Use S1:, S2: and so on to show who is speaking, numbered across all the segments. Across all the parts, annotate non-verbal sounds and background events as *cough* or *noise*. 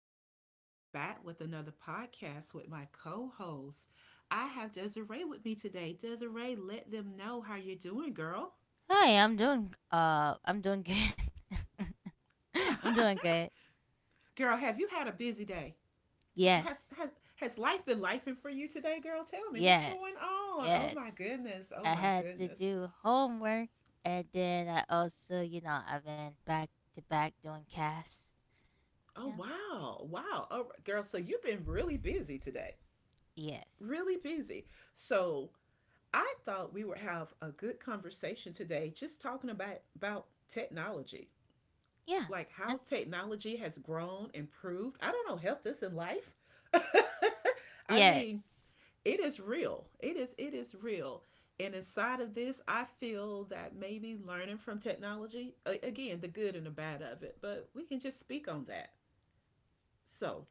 S1: Tracy, and I'm back with another podcast with my co host. I have Desiree with me today. Desiree, let them know how you're doing, girl.
S2: Hi, I'm doing good. *laughs* I'm doing good.
S1: Girl, have you had a busy day? H-
S2: Yes.
S1: Has, has, has life been lifing for you today, girl? Tell me what's
S2: Yes.
S1: going on.
S2: Yes.
S1: Oh, my goodness.
S2: I
S1: Oh, my
S2: had to
S1: goodness.
S2: do homework and then I also, you know, I've been back to back doing casts. Yeah.
S1: Oh, wow. Wow. Oh, girl, so you've been really busy today.
S2: Yes.
S1: Really busy. So, I thought we would have a good conversation today, just talking about technology.
S2: Yeah.
S1: Like,
S2: uh,
S1: how technology has grown, improved, I don't know, helped us in life. *laughs* I
S2: Yes.
S1: mean, it is real. It is real. And inside of this, I feel that maybe learning from technology, again, the good and the bad of it, but we can just speak on that. So,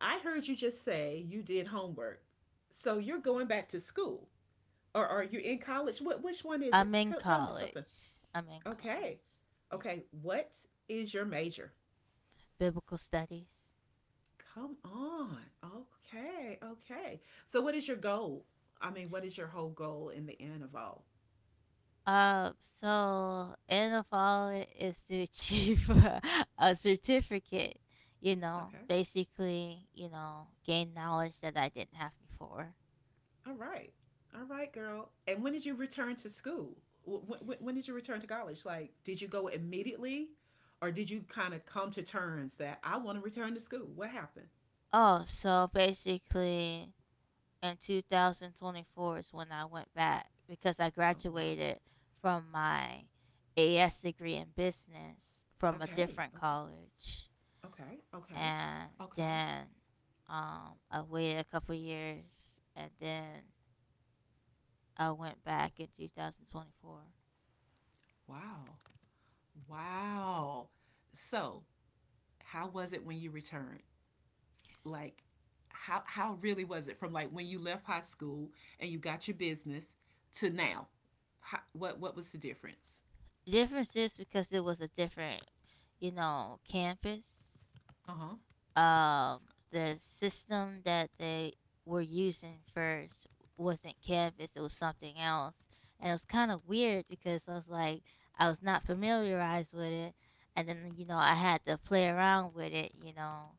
S1: I heard you just say you did homework. So, you're
S2: Yes.
S1: going back to school, or are you
S2: Y-
S1: in college? What which one is it?
S2: I'm in
S1: Tell me something.
S2: college. I'm in
S1: Okay.
S2: college. Yeah.
S1: Okay, what is your major?
S2: Biblical studies.
S1: Come on. Okay. Okay. So, what is your goal? I mean, what is your whole goal in the end of all?
S2: Um, so end of all it is to achieve *laughs* a certificate, you know,
S1: Okay.
S2: basically, you know, gain knowledge that I didn't have before.
S1: All right. All right, girl. And when did you return to school? When did you return to college? Like, did you go immediately, or did you kind of come to terms that I want to return to school? What happened?
S2: Oh, so basically in 2024 is when I went back because I
S1: Oh, wow.
S2: graduated from my AS degree in business from a
S1: Okay.
S2: different
S1: Okay.
S2: college.
S1: Okay. Okay.
S2: And
S1: Okay.
S2: then I waited a couple years and then went back in 2024.
S1: Wow. Wow. So, how was it when you returned? Like, how really was it from, like, when you left high school and you got your business to now? How, what was the difference?
S2: The difference is because it was a different, you know, campus,
S1: Uh huh.
S2: um, the system that they were using first wasn't Canvas, it was something else. And it was kind of weird because I was like, I was not familiarized with it. And then, you know, I had to play around with it, you know,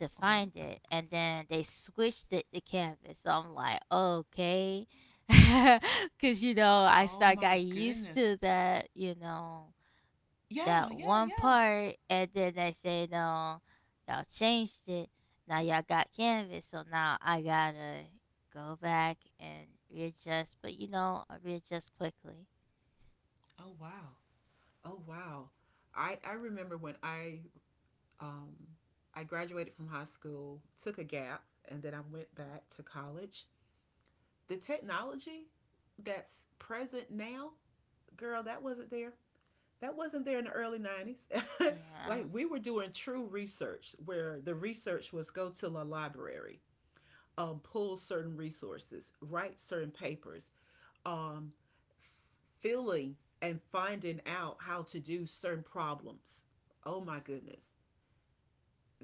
S2: to
S1: Okay.
S2: find it. And then they switched it to Canvas. So I'm like, okay. *laughs* Because, you know, so
S1: Oh
S2: I
S1: my
S2: got used
S1: goodness.
S2: to that, you know,
S1: Yeah.
S2: that
S1: Yeah.
S2: one
S1: Yeah.
S2: part, and then they say no, y'all changed it. Now y'all got Canvas, so now I gotta go back and readjust. But you know, I readjust quickly.
S1: Oh wow. Oh wow. I remember when um I graduated from high school, took a gap, and then I went back to college. The technology that's present now, girl, that wasn't there. That wasn't there in the early 90s. *laughs*
S2: Yeah.
S1: Like, we were doing true research, where the research was go to the library, pull certain resources, write certain papers, um, filling and finding out how to do certain problems. Oh my goodness.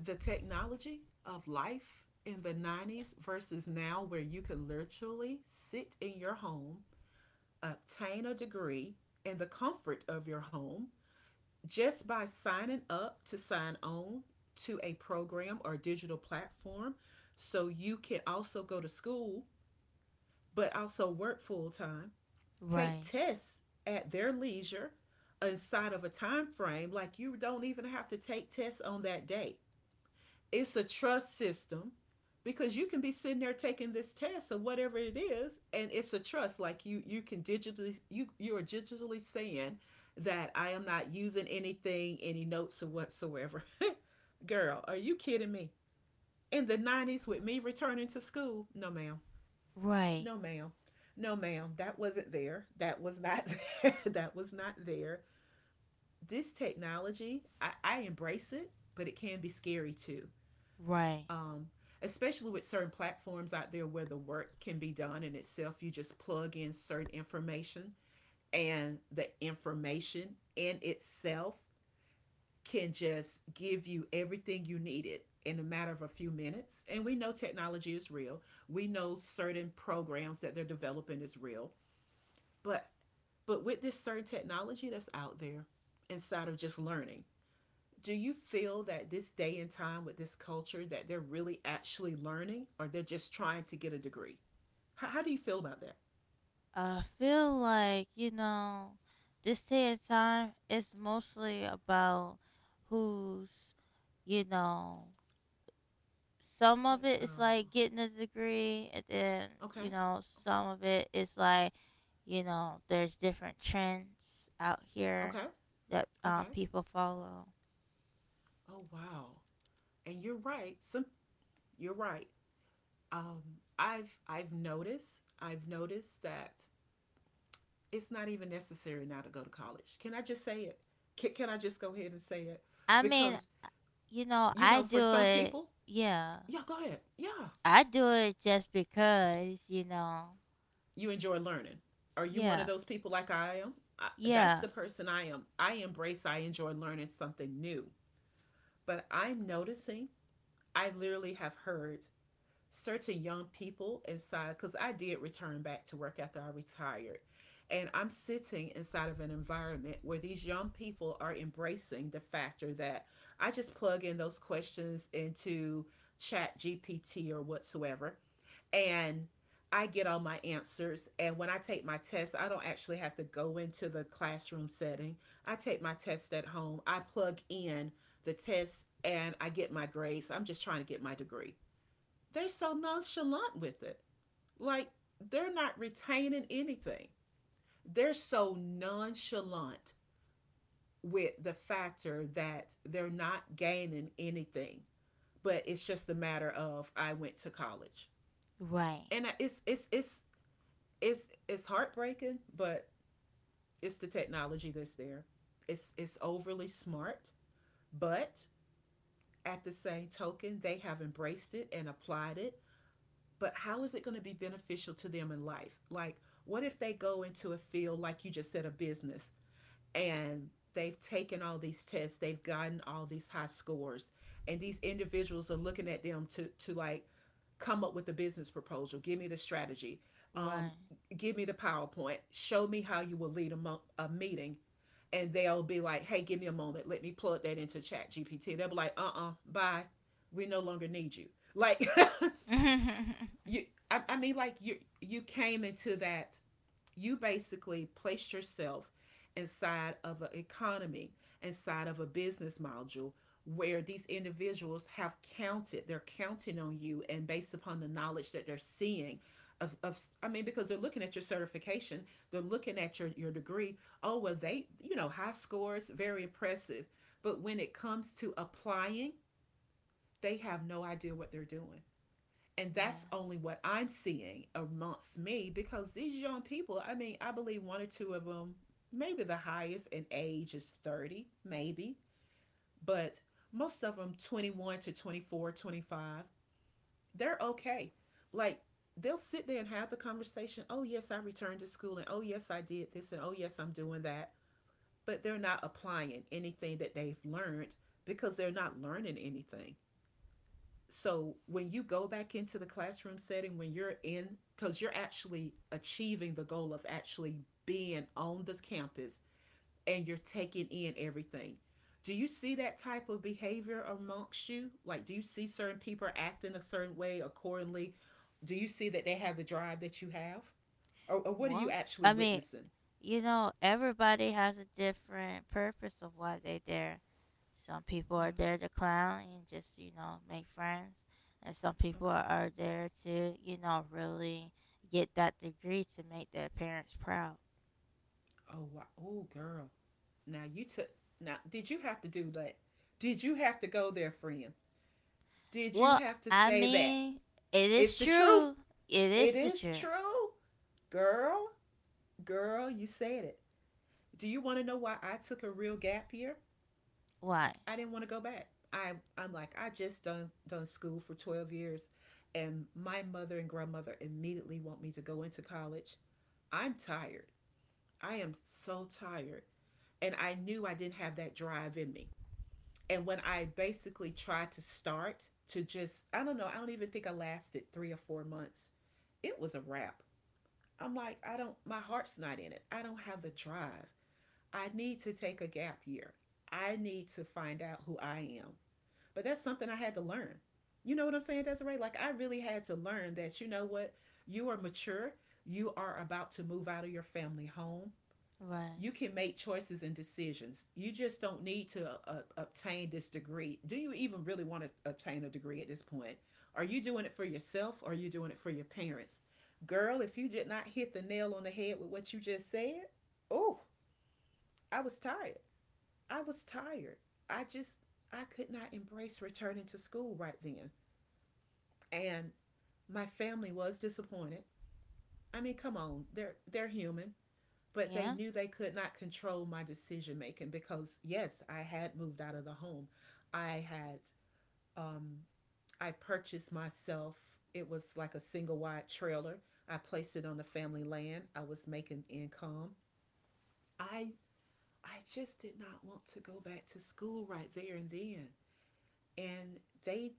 S1: The technology of life in the 90s versus now, where you can literally sit in your home, obtain a degree in the comfort of your home, just by signing up to sign on to a program or digital platform, so you can also go to school but also work full time, take
S2: Right.
S1: tests at their leisure inside of a time frame. Like, you don't even have to take tests on that day. It's a trust system, because you can be sitting there taking this test or whatever it is, and it's a trust. Like, you can digitally, you are digitally saying that I am not using anything, any notes or whatsoever. *laughs* Girl, are you kidding me? In the 90s, with me returning to school, no ma'am.
S2: Right.
S1: No ma'am. No ma'am. That wasn't there. That was not there. *laughs* That was not there. This technology, I embrace it, but it can be scary too.
S2: Right.
S1: um, Especially with certain platforms out there where the work can be done in itself. You just plug in certain information, and the information in itself can just give you everything you needed in a matter of a few minutes. And we know technology is real. We know certain programs that they're developing is real. But with this certain technology that's out there inside of just learning, do you feel that this day and time, with this culture, that they're really actually learning, or they're just trying to get a degree? How do you feel about that?
S2: I feel like, you know, this day and time is mostly about who's, you know, some of
S1: What,
S2: it is
S1: girl?
S2: like getting a degree, and then,
S1: Okay.
S2: you know,
S1: Okay.
S2: some of it is like, you know, there's different trends out
S1: Okay.
S2: here that,
S1: Okay.
S2: people follow.
S1: Oh wow. And you're right, some, you're right. um I've noticed that it's not even necessary now to go to college. Can I just say it? Can I just go ahead and say it?
S2: I mean,
S1: Because,
S2: you know,
S1: you
S2: I
S1: know, for
S2: do
S1: some
S2: it.
S1: people,
S2: Yeah,
S1: yeah, go ahead, yeah,
S2: I do it just because, you know.
S1: you enjoy learning. Are you one of
S2: Yeah.
S1: those people like I am? That's
S2: Yeah.
S1: the person I am. I embrace, I enjoy learning something new. But I'm noticing, I literally have heard certain young people inside, because I did return back to work after I retired. And I'm sitting inside of an environment where these young people are embracing the factor that I just plug in those questions into Chat GPT or whatsoever, and I get all my answers. And when I take my test, I don't actually have to go into the classroom setting. I take my test at home. I plug in the test and I get my grades. I'm just trying to get my degree. They're so nonchalant with it. Like, they're not retaining anything. They're so nonchalant with the factor that they're not gaining anything. But it's just a matter of, I went to college.
S2: Right.
S1: And it's heartbreaking, but it's the technology that's there. It's overly smart, but at the same token, they have embraced it and applied it. But how is it going to be beneficial to them in life? Like, what if they go into a field, like you just said, a business, and they've taken all these tests, they've gotten all these high scores, and these individuals are looking at them to, like, come up with a business proposal, give me the strategy, um,
S2: Right.
S1: give me the PowerPoint, show me how you will lead a meeting, and they'll be like, hey, give me a moment, let me plug that into Chat GPT, they'll be like, uh-uh, bye, we no longer need you. Like,
S2: *laughs* yeah.
S1: *laughs* you I mean, like, you came into that, you basically placed yourself inside of an economy, inside of a business module, where these individuals have counted, they're counting on you, and based upon the knowledge that they're seeing. I mean, because they're looking at your certification, they're looking at your degree. Oh, well, they, you know, high scores, very impressive. But when it comes to applying, they have no idea what they're doing. And that's only what I'm seeing amongst me, because these young people, I mean, I believe one or two of them, maybe the highest in age is 30, maybe, but most of them 21 to 24, 25, they're okay. Like, they'll sit there and have the conversation, "Oh, yes, I returned to school, and oh, yes, I did this, and oh, yes, I'm doing that." But they're not applying anything that they've learned, because they're not learning anything. So when you go back into the classroom setting, when you're in, because you're actually achieving the goal of actually being on this campus and you're taking in everything, do you see that type of behavior amongst you? Like, do you see certain people acting a certain way accordingly? Do you see that they have the drive that you have, or what are you
S2: Well,
S1: actually
S2: I mean,
S1: witnessing?
S2: you know, everybody has a different purpose of why they're there. Some people
S1: Yeah.
S2: are there to clown and just, you know, make friends. And some people
S1: Okay.
S2: are there to, you know, really get that degree to make their parents proud.
S1: Oh wow. Oh girl, now you took, now did you have to do that? Did you have to go there, friend? Did you
S2: Well,
S1: have to
S2: I
S1: say that?
S2: mean, it is
S1: It's the truth.
S2: true. It
S1: It
S2: is the
S1: is true.
S2: truth.
S1: Girl, girl, you said it. Do you want to know why I took a real gap year?
S2: Why?
S1: I didn't want to go back. I'm like, I just done school for 12 years, and my mother and grandmother immediately want me to go into college. I'm tired. I am so tired. And I knew I didn't have that drive in me. And when I basically tried to start to just, I don't know, I don't even think I lasted 3 or 4 months. It was a wrap. I'm like, I don't, my heart's not in it. I don't have the drive. I need to take a gap year. I need to find out who I am. But that's something I had to learn. You know what I'm saying, Desiree? Like, I really had to learn that. You know what? You are mature. You are about to move out of your family home,
S2: Right.
S1: you can make choices and decisions. You just don't need to obtain this degree. Do you even really want to obtain a degree at this point? Are you doing it for yourself, or are you doing it for your parents? Girl, if you did not hit the nail on the head with what you just said, oh, I was tired. I was tired. I just, I could not embrace returning to school right then. And my family was disappointed. I mean, come on, they're human. But they
S2: Yeah.
S1: knew they could not control my decision making, because yes, I had moved out of the home. I had um I purchased myself, it was like a single wide trailer. I placed it on the family land. I was making income. i I just did not want to go back to school right there and then. And they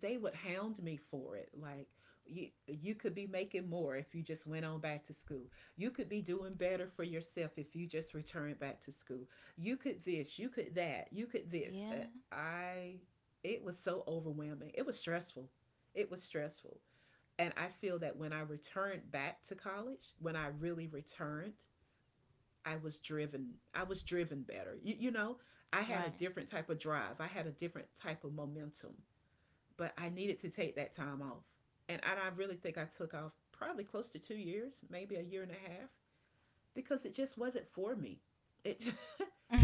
S1: they would hound me for it. Like, you could be making more if you just went on back to school. You could be doing better for yourself if you just returned back to school. You could this, you could that, you could this.
S2: Yeah.
S1: I It was so overwhelming. It was stressful. It was stressful. And I feel that when I returned back to college, when I really returned, I was driven. I was driven better, you know. I had a
S2: Right.
S1: different type of drive. I had a different type of momentum. But I needed to take that time off. And I really think I took off probably close to 2 years, maybe a year and a half, because it just wasn't for me. It just,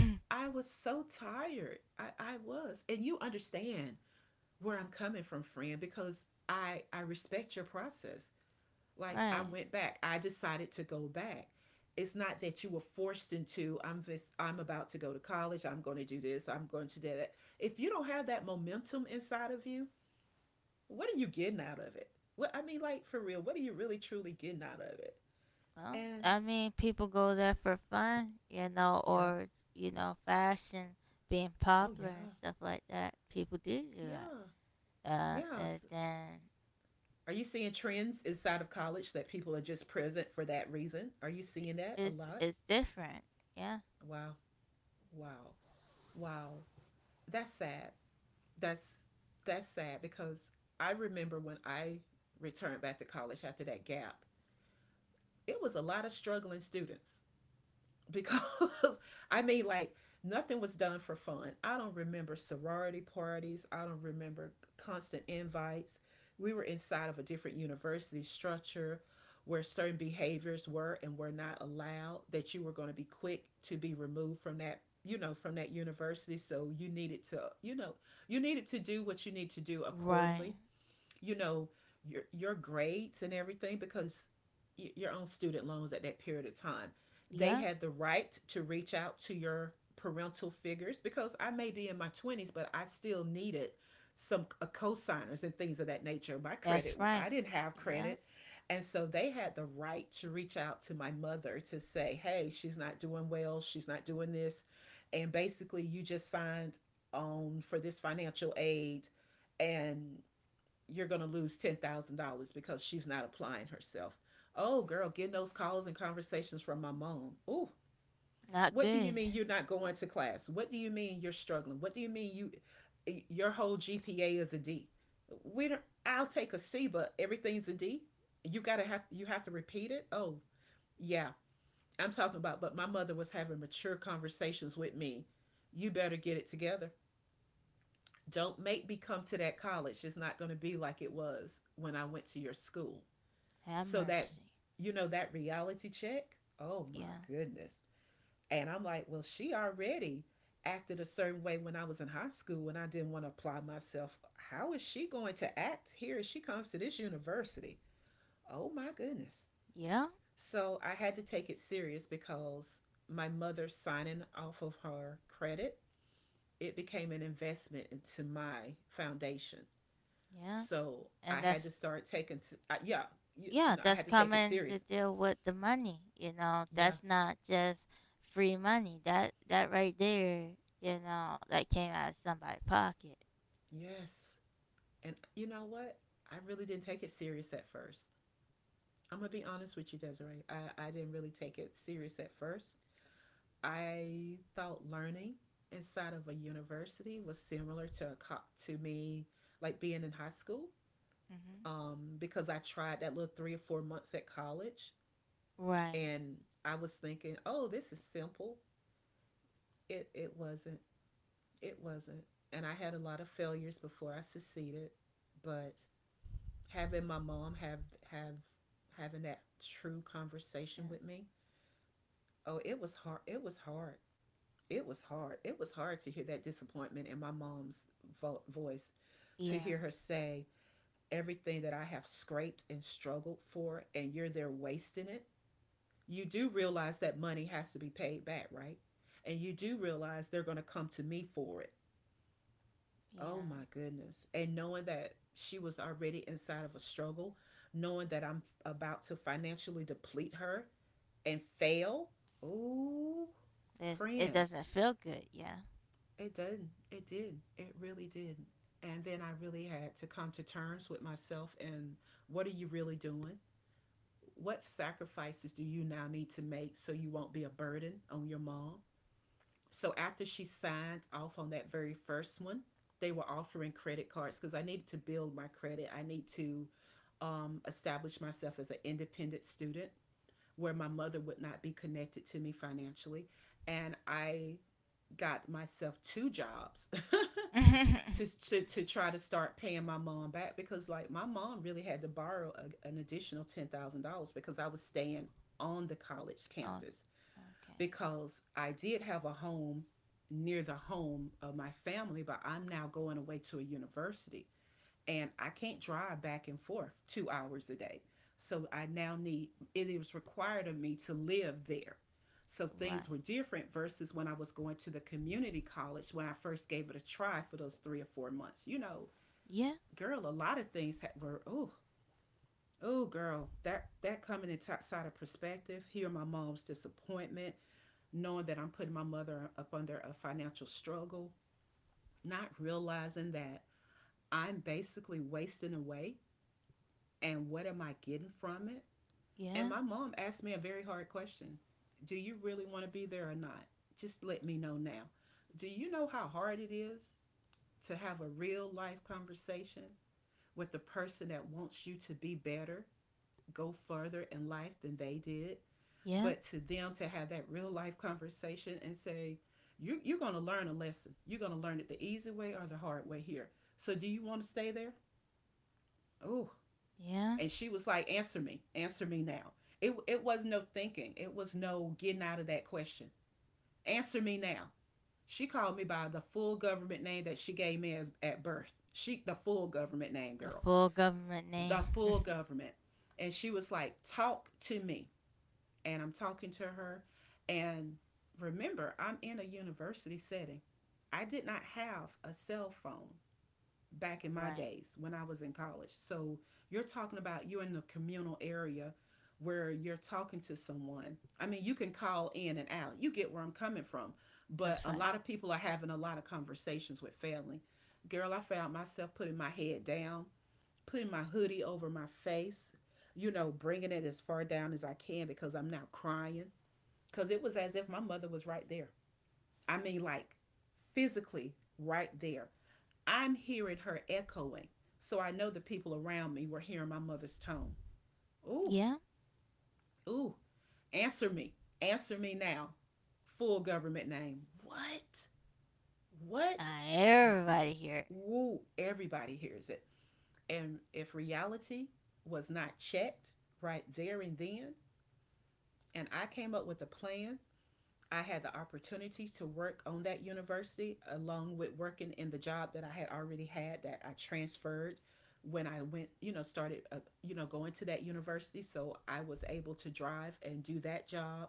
S1: *laughs* I was so tired. I was. And you understand where I'm coming from, friend, because I respect your process. Like,
S2: right.
S1: I went back. I decided to go back. It's not that you were forced into, I'm this, I'm about to go to college, I'm going to do this, I'm going to do that. If you don't have that momentum inside of you, what are you getting out of it? What, I mean, like, for real, what are you really truly getting out of it?
S2: Well,
S1: And
S2: I mean, people go there for fun, you know,
S1: yeah,
S2: or, you know, fashion, being
S1: oh
S2: popular and
S1: yeah,
S2: stuff like that. People do do that.
S1: yeah, yeah.
S2: And
S1: It's-
S2: then
S1: are you seeing trends inside of college that people are just present for that reason? Are you seeing that a lot?
S2: it's different. Yeah.
S1: Wow, wow, wow. That's sad. That's that's sad because I remember when I returned back to college after that gap, it was a lot of struggling students because *laughs* I mean, like, nothing was done for fun. I don't remember sorority parties, I don't remember constant invites. We were inside of a different university structure where certain behaviors were and were not allowed, that you were going to be quick to be removed from, that, you know, from that university. So you needed to, you know, you needed to do what you need to do
S2: Right.
S1: accordingly, you know, your grades and everything, because your own student loans at that period of time. They
S2: Yeah.
S1: had the right to reach out to your parental figures, because I may be in my 20s, but I still needed some co-signers and things of that nature. My
S2: That's
S1: credit,
S2: right.
S1: I didn't have
S2: Yeah.
S1: credit. And so they had the right to reach out to my mother to say, hey, she's not doing well, she's not doing this. And basically, you just signed on for this financial aid and you're going to lose $10,000 because she's not applying herself. Oh, girl, getting those calls and conversations from my mom. Oh,
S2: Not
S1: what do
S2: good.
S1: you mean you're not going to class? What do you mean you're struggling? What do you mean you, your whole GPA is a D? We don't, I'll take a C, but everything's a D. You got to have, you have to repeat it. Oh, yeah. I'm talking about, but my mother was having mature conversations with me. You better get it together. Don't make me come to that college. It's not going to be like it was when I went to your school.
S2: Have
S1: So that,
S2: mercy.
S1: you know, that reality check, oh my
S2: Yeah.
S1: goodness. And I'm like, well, she already acted a certain way when I was in high school and I didn't want to apply myself. How is she going to act here as she comes to this university? Oh my goodness.
S2: Yeah.
S1: So I had to take it serious, because my mother signing off of her credit, it became an investment into my foundation.
S2: Yeah.
S1: So
S2: And
S1: I had
S2: that's,
S1: to start taking, yeah,
S2: yeah,
S1: you know, I
S2: that's
S1: had to take it
S2: coming to
S1: serious.
S2: deal with the money. You know,
S1: Yeah.
S2: that's not just free money. That that right there, you know, that came out of somebody's pocket.
S1: Yes. And you know what? I really didn't take it serious at first. I'm going to be honest with you, Desiree. I didn't really take it serious at first. I thought learning inside of a university was similar to a co-, to me, like being in high school,
S2: Hmm.
S1: because I tried that little 3 or 4 months at college
S2: Right.
S1: and I was thinking, oh, this is simple. It wasn't. It wasn't. And I had a lot of failures before I succeeded. But having my mom have having that true conversation with me. Oh, it was hard. It was hard. It was hard. It was hard to hear that disappointment in my mom's voice,
S2: Yeah.
S1: to
S2: Yeah.
S1: hear her say everything that I have scraped and struggled for, and you're there wasting it. You do realize that money has to be paid back, right? And you do realize they're going to come to me for it. Oh my
S2: Yeah.
S1: goodness. And knowing that she was already inside of a struggle, knowing that I'm about to financially deplete her and fail. Oh,
S2: There's, it
S1: friend,
S2: doesn't feel good. Yeah.
S1: it did not. It did. It really did. And then I really had to come to terms with myself and what are you really doing? What sacrifices do you now need to make so you won't be a burden on your mom? So after she signed off on that very first one, they were offering credit cards because I needed to build my credit. I need to establish myself as an independent student where my mother would not be connected to me financially. And I got myself two jobs
S2: *laughs*
S1: *laughs*
S2: oh,
S1: to try to start paying my mom back, because like my mom really had to borrow an additional $10,000 because I was staying on the college
S2: okay.
S1: campus, because I did have a home near the home of my family, but I'm now going away to a university and I can't drive back and forth 2 hours a day. So I now need, it is required of me to live there. So things
S2: Right.
S1: were different versus when I was going to the community college, when I first gave it a try for those 3 or 4 months. You know,
S2: Yeah.
S1: girl, a lot of things were, oh, oh, girl, that, that coming inside outside of perspective, hear my mom's disappointment, knowing that I'm putting my mother up under a financial struggle, not realizing that I'm basically wasting away and what am I getting from it? And
S2: Yeah.
S1: my mom asked me a very hard question. Do you really want to be there or not? Just let me know now. Do you know how hard it is to have a real life conversation with the person that wants you to be better, go further in life than they did.
S2: Yeah.
S1: But to them, to have that real life conversation and say, you're going to learn a lesson. You're going to learn it the easy way or the hard way here. So do you want to stay there? Oh,
S2: Yeah.
S1: and she was like, answer me now. It was no thinking. It was no getting out of that question. Answer me now. She called me by the full government name that she gave me as, at birth. She, the full government name,
S2: The
S1: girl.
S2: full government name.
S1: The full
S2: *laughs*
S1: government. And she was like, "Talk to me," and I'm talking to her. And remember, I'm in a university setting. I did not have a cell phone back in my
S2: right.
S1: days when I was in college. So you're talking about, you're in the communal area where you're talking to someone. I mean, you can call in and out. You get where I'm coming from. But
S2: That's
S1: a
S2: right.
S1: lot of people are having a lot of conversations with family. Girl, I found myself putting my head down, putting my hoodie over my face, you know, bringing it as far down as I can because I'm not crying. Because it was as if my mother was right there. I mean, like, physically right there. I'm hearing her echoing. So I know the people around me were hearing my mother's tone. Ooh,
S2: Yeah.
S1: ooh, answer me. Answer me now. Full government name. What? What?
S2: Uh,
S1: Y- y-
S2: everybody here.
S1: Woo, everybody hears it. And if reality was not checked right there and then, and I came up with a plan, I had the opportunity to work on that university along with working in the job that I had already had, that I transferred when I went, you know, started, you know, going to that university. So I was able to drive and do that job,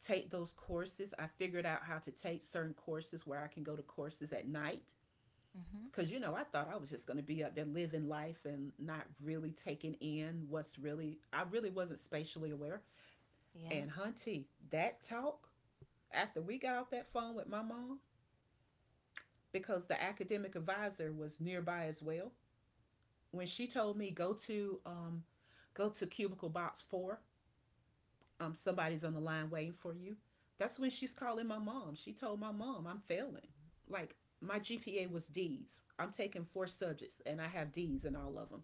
S1: take those courses. I figured out how to take certain courses where I can go to courses at night.
S2: Hmm.
S1: Cause you know, I thought I was just gonna be up there living life and not really taking in what's really. I really wasn't spatially aware. And
S2: Yeah.
S1: hunty, that talk after we got off that phone with my mom, because the academic advisor was nearby as well. When she told me, go to go to cubicle box 4, somebody's on the line waiting for you. That's when she's calling my mom. She told my mom I'm failing. Like my GPA was D's. I'm taking four subjects and I have D's in all of them.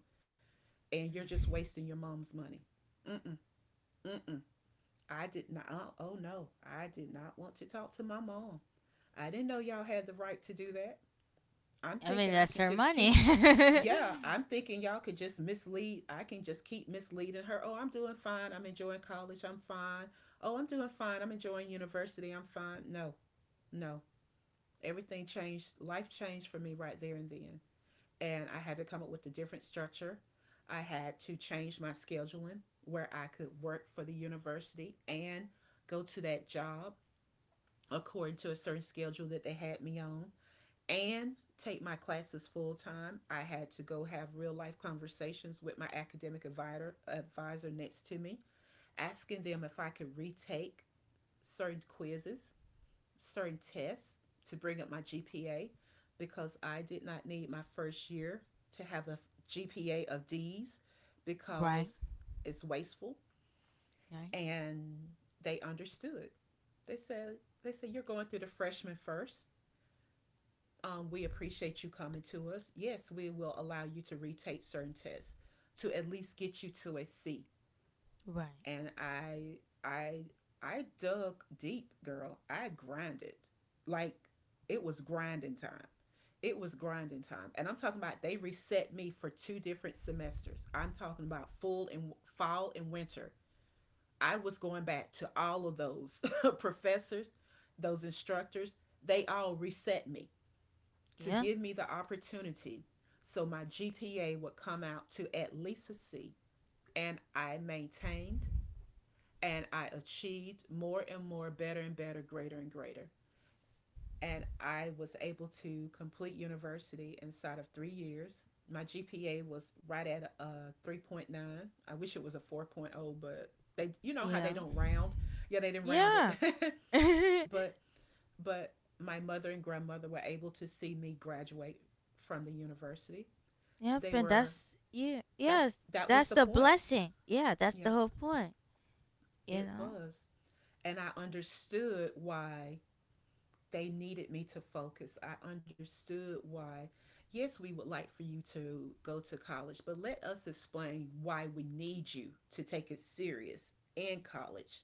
S1: And you're just
S2: Mm.
S1: wasting your mom's money. Mm-mm, mm-mm. I did not. Oh no, I did not want to talk to my mom. I didn't know y'all had the right to do that. I'm
S2: I mean,
S1: thinking I
S2: that's
S1: can
S2: her
S1: just
S2: money.
S1: keep.
S2: *laughs*
S1: Yeah, I'm thinking y'all could just mislead. I can just keep misleading her. Oh, I'm doing fine. I'm enjoying college. I'm fine. Oh, I'm doing fine. I'm enjoying university. I'm fine. No, no. Everything changed. Life changed for me right there and then, and I had to come up with a different structure. I had to change my scheduling where I could work for the university and go to that job according to a certain schedule that they had me on and take my classes full time. I had to go have real life conversations with my academic advisor, advisor next to me, asking them if I could retake certain quizzes, certain tests, to bring up my GPA, because I did not need my first year to have a GPA of D's,
S2: right.
S1: because it's wasteful.
S2: Right.
S1: And they understood. They said they said you're going through the freshman first. We appreciate you coming to us. Yes, we will allow you to retake certain tests to at least get you to a C.
S2: Right.
S1: and I I I dug deep, girl. I grinded. Like, it was grinding time. It was grinding time. And I'm talking about they reset me for two different semesters. I'm talking about full and fall and winter. I was going back to all of those *laughs* professors, those instructors. They all reset me to
S2: Yeah.
S1: give me the opportunity so my GPA would come out to at least a C. And I maintained, and I achieved more and more, better and better, greater and greater. And I was able to complete university inside of 3 years. My GPA was right at a 3.9. I wish it was a 4.0, but they, you know how they
S2: Yeah.
S1: don't round. Yeah, they didn't round it.
S2: Yeah.
S1: *laughs*
S2: *laughs*
S1: but, but my mother and grandmother were able to see me graduate from the university.
S2: yep.
S1: They
S2: And
S1: were,
S2: yeah. Yes.
S1: that was
S2: That's
S1: the
S2: the
S1: point.
S2: blessing. Yeah. That's the whole
S1: Yes,
S2: point. You
S1: it
S2: know?
S1: was. And I understood why they needed me to focus. I understood why. Yes, we would like for you to go to college, but let us explain why we need you to take it serious in college.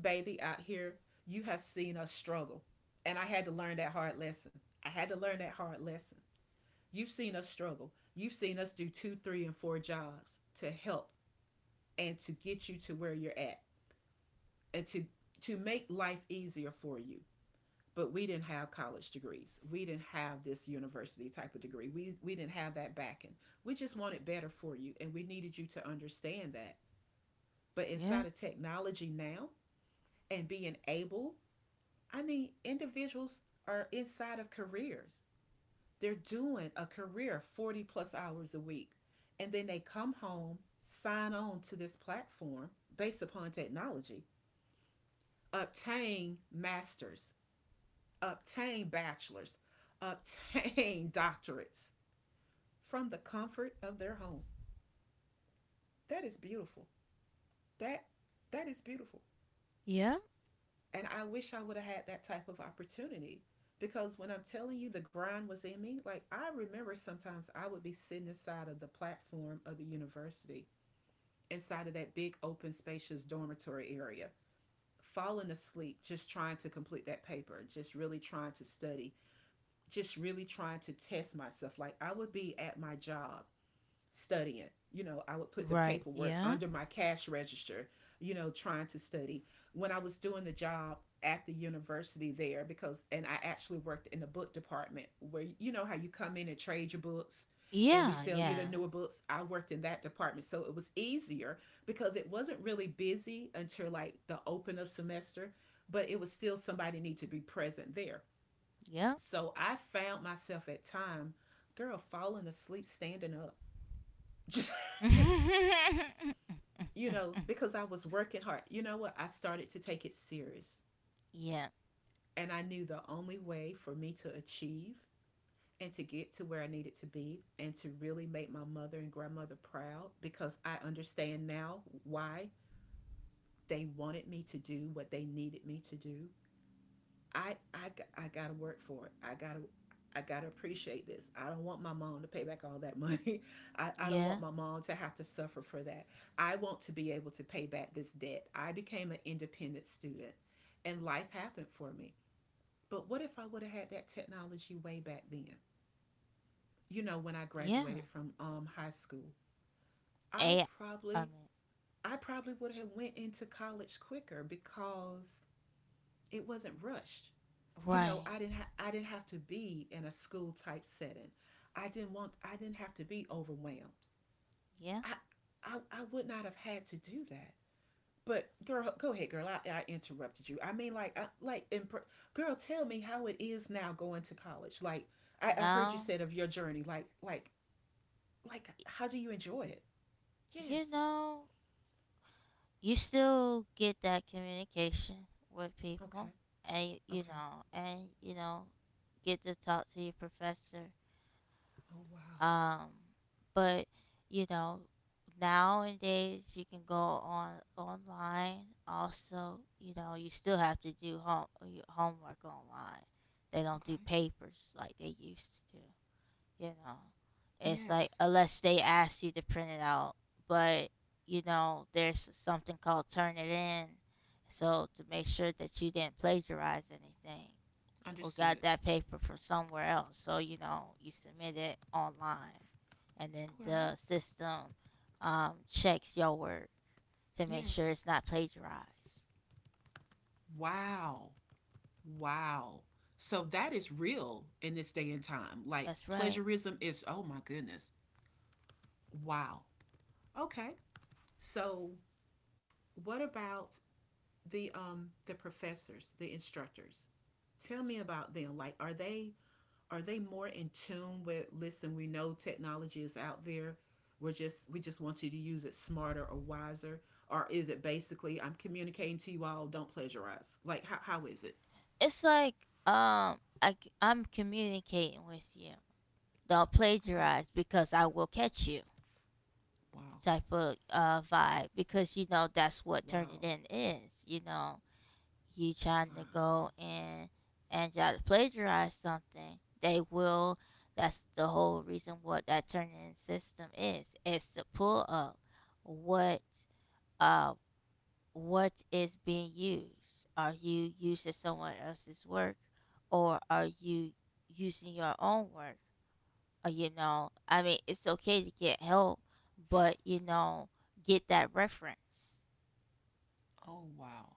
S1: Baby, out here, you have seen us struggle. And I had to learn that hard lesson. I had to learn that hard lesson. You've seen us struggle. You've seen us do two, three, and four jobs to help and to get you to where you're at, and to make life easier for you. But we didn't have college degrees. We didn't have this university type of degree. We didn't have that backing. We just wanted better for you, and we needed you to understand that. But
S2: Yeah.
S1: inside of technology now, and being able, I mean, individuals are inside of careers. They're doing a career 40 plus hours a week. And then they come home, sign on to this platform based upon technology, obtain masters, obtain bachelors, obtain *laughs* doctorates from the comfort of their home. That is beautiful. That that is beautiful.
S2: Yeah.
S1: And I wish I would have had that type of opportunity, because when I'm telling you, the grind was in me. Like, I remember sometimes I would be sitting inside of the platform of the university, inside of that big open spacious dormitory area, falling asleep just trying to complete that paper, just really trying to study, just really trying to test myself. Like, I would be at my job studying. You know, I would put the
S2: Right.
S1: paperwork
S2: Yeah.
S1: under my cash register, you know, trying to study. When I was doing the job at the university there, because and I actually worked in the book department, where you know how you come in and trade your books and we
S2: Yeah.
S1: sell you the
S2: Yeah.
S1: newer books. I worked in that department. So it was easier, because it wasn't really busy until like the open of semester, but it was still somebody need to be present there.
S2: Yep.
S1: So I found myself at time, girl, falling asleep standing up. *laughs* Just, just,
S2: Yeah. *laughs*
S1: you know, because I was working hard. You know what? I started to take it serious.
S2: Yeah.
S1: And I knew the only way for me to achieve and to get to where I needed to be and to really make my mother and grandmother proud, because I understand now why they wanted me to do what they needed me to do, I I I gotta work for it. I gotta appreciate this. I don't want my mom to pay back all that *laughs* money. I don't
S2: Yeah.
S1: want my mom to have to suffer for that. I want to be able to pay back this debt. I became an independent student, and life happened for me. But what if I would have had that technology way back then? You know, when I graduated
S2: Yeah.
S1: from high school, I
S2: Eh, I
S1: probably
S2: mean,
S1: I probably would have went into college quicker, because it wasn't rushed. You know,
S2: right.
S1: I didn't have to be in a school type setting. I didn't have to be overwhelmed.
S2: Yeah.
S1: I I would not have had to do that. But girl, go ahead, girl. I interrupted you. Girl, tell me how it is now going to college. Like, I heard you
S2: Now,
S1: said of your journey. Like, how do you enjoy it?
S2: you
S1: Yes.
S2: know, you still get that communication with people,
S1: Okay.
S2: and you
S1: Okay.
S2: know, and you know, get to talk to your professor,
S1: Oh wow.
S2: um but, you know, nowadays you can go on online also. You know, you still have to do your homework online. They don't
S1: Okay.
S2: do papers like they used to. You know, it's like
S1: Yes.
S2: unless they ask you to print it out, but you know, there's something called turn it in. So to make sure that you didn't plagiarize anything or got
S1: Understood.
S2: that paper from somewhere else. So, you know, you submit it online and then
S1: All right.
S2: the system checks your work to make sure it's
S1: Yes.
S2: not plagiarized.
S1: Wow. Wow. So that is real in this day and time. Like,
S2: That's right.
S1: plagiarism is, oh my goodness. Wow. Okay. So what about the professors, the instructors? Tell me about them. Like, are they, are they more in tune with, listen, we know technology is out there. We just want you to use it smarter or wiser, or is it basically I'm communicating to you all, don't plagiarize? Like, how is it?
S2: It's like, I'm communicating with you, don't
S1: Okay.
S2: plagiarize because I will catch you
S1: Wow.
S2: type of vibe, because you know that's what turning
S1: Wow.
S2: in is. You know, you trying to
S1: Wow.
S2: go and try to plagiarize something, they will, that's the whole reason what that turning in system is. It's to pull up what, uh what is being used. Are you using someone else's work or are you using your own work? You know, I mean, it's okay to get help, but you know, get that reference.
S1: Oh, wow.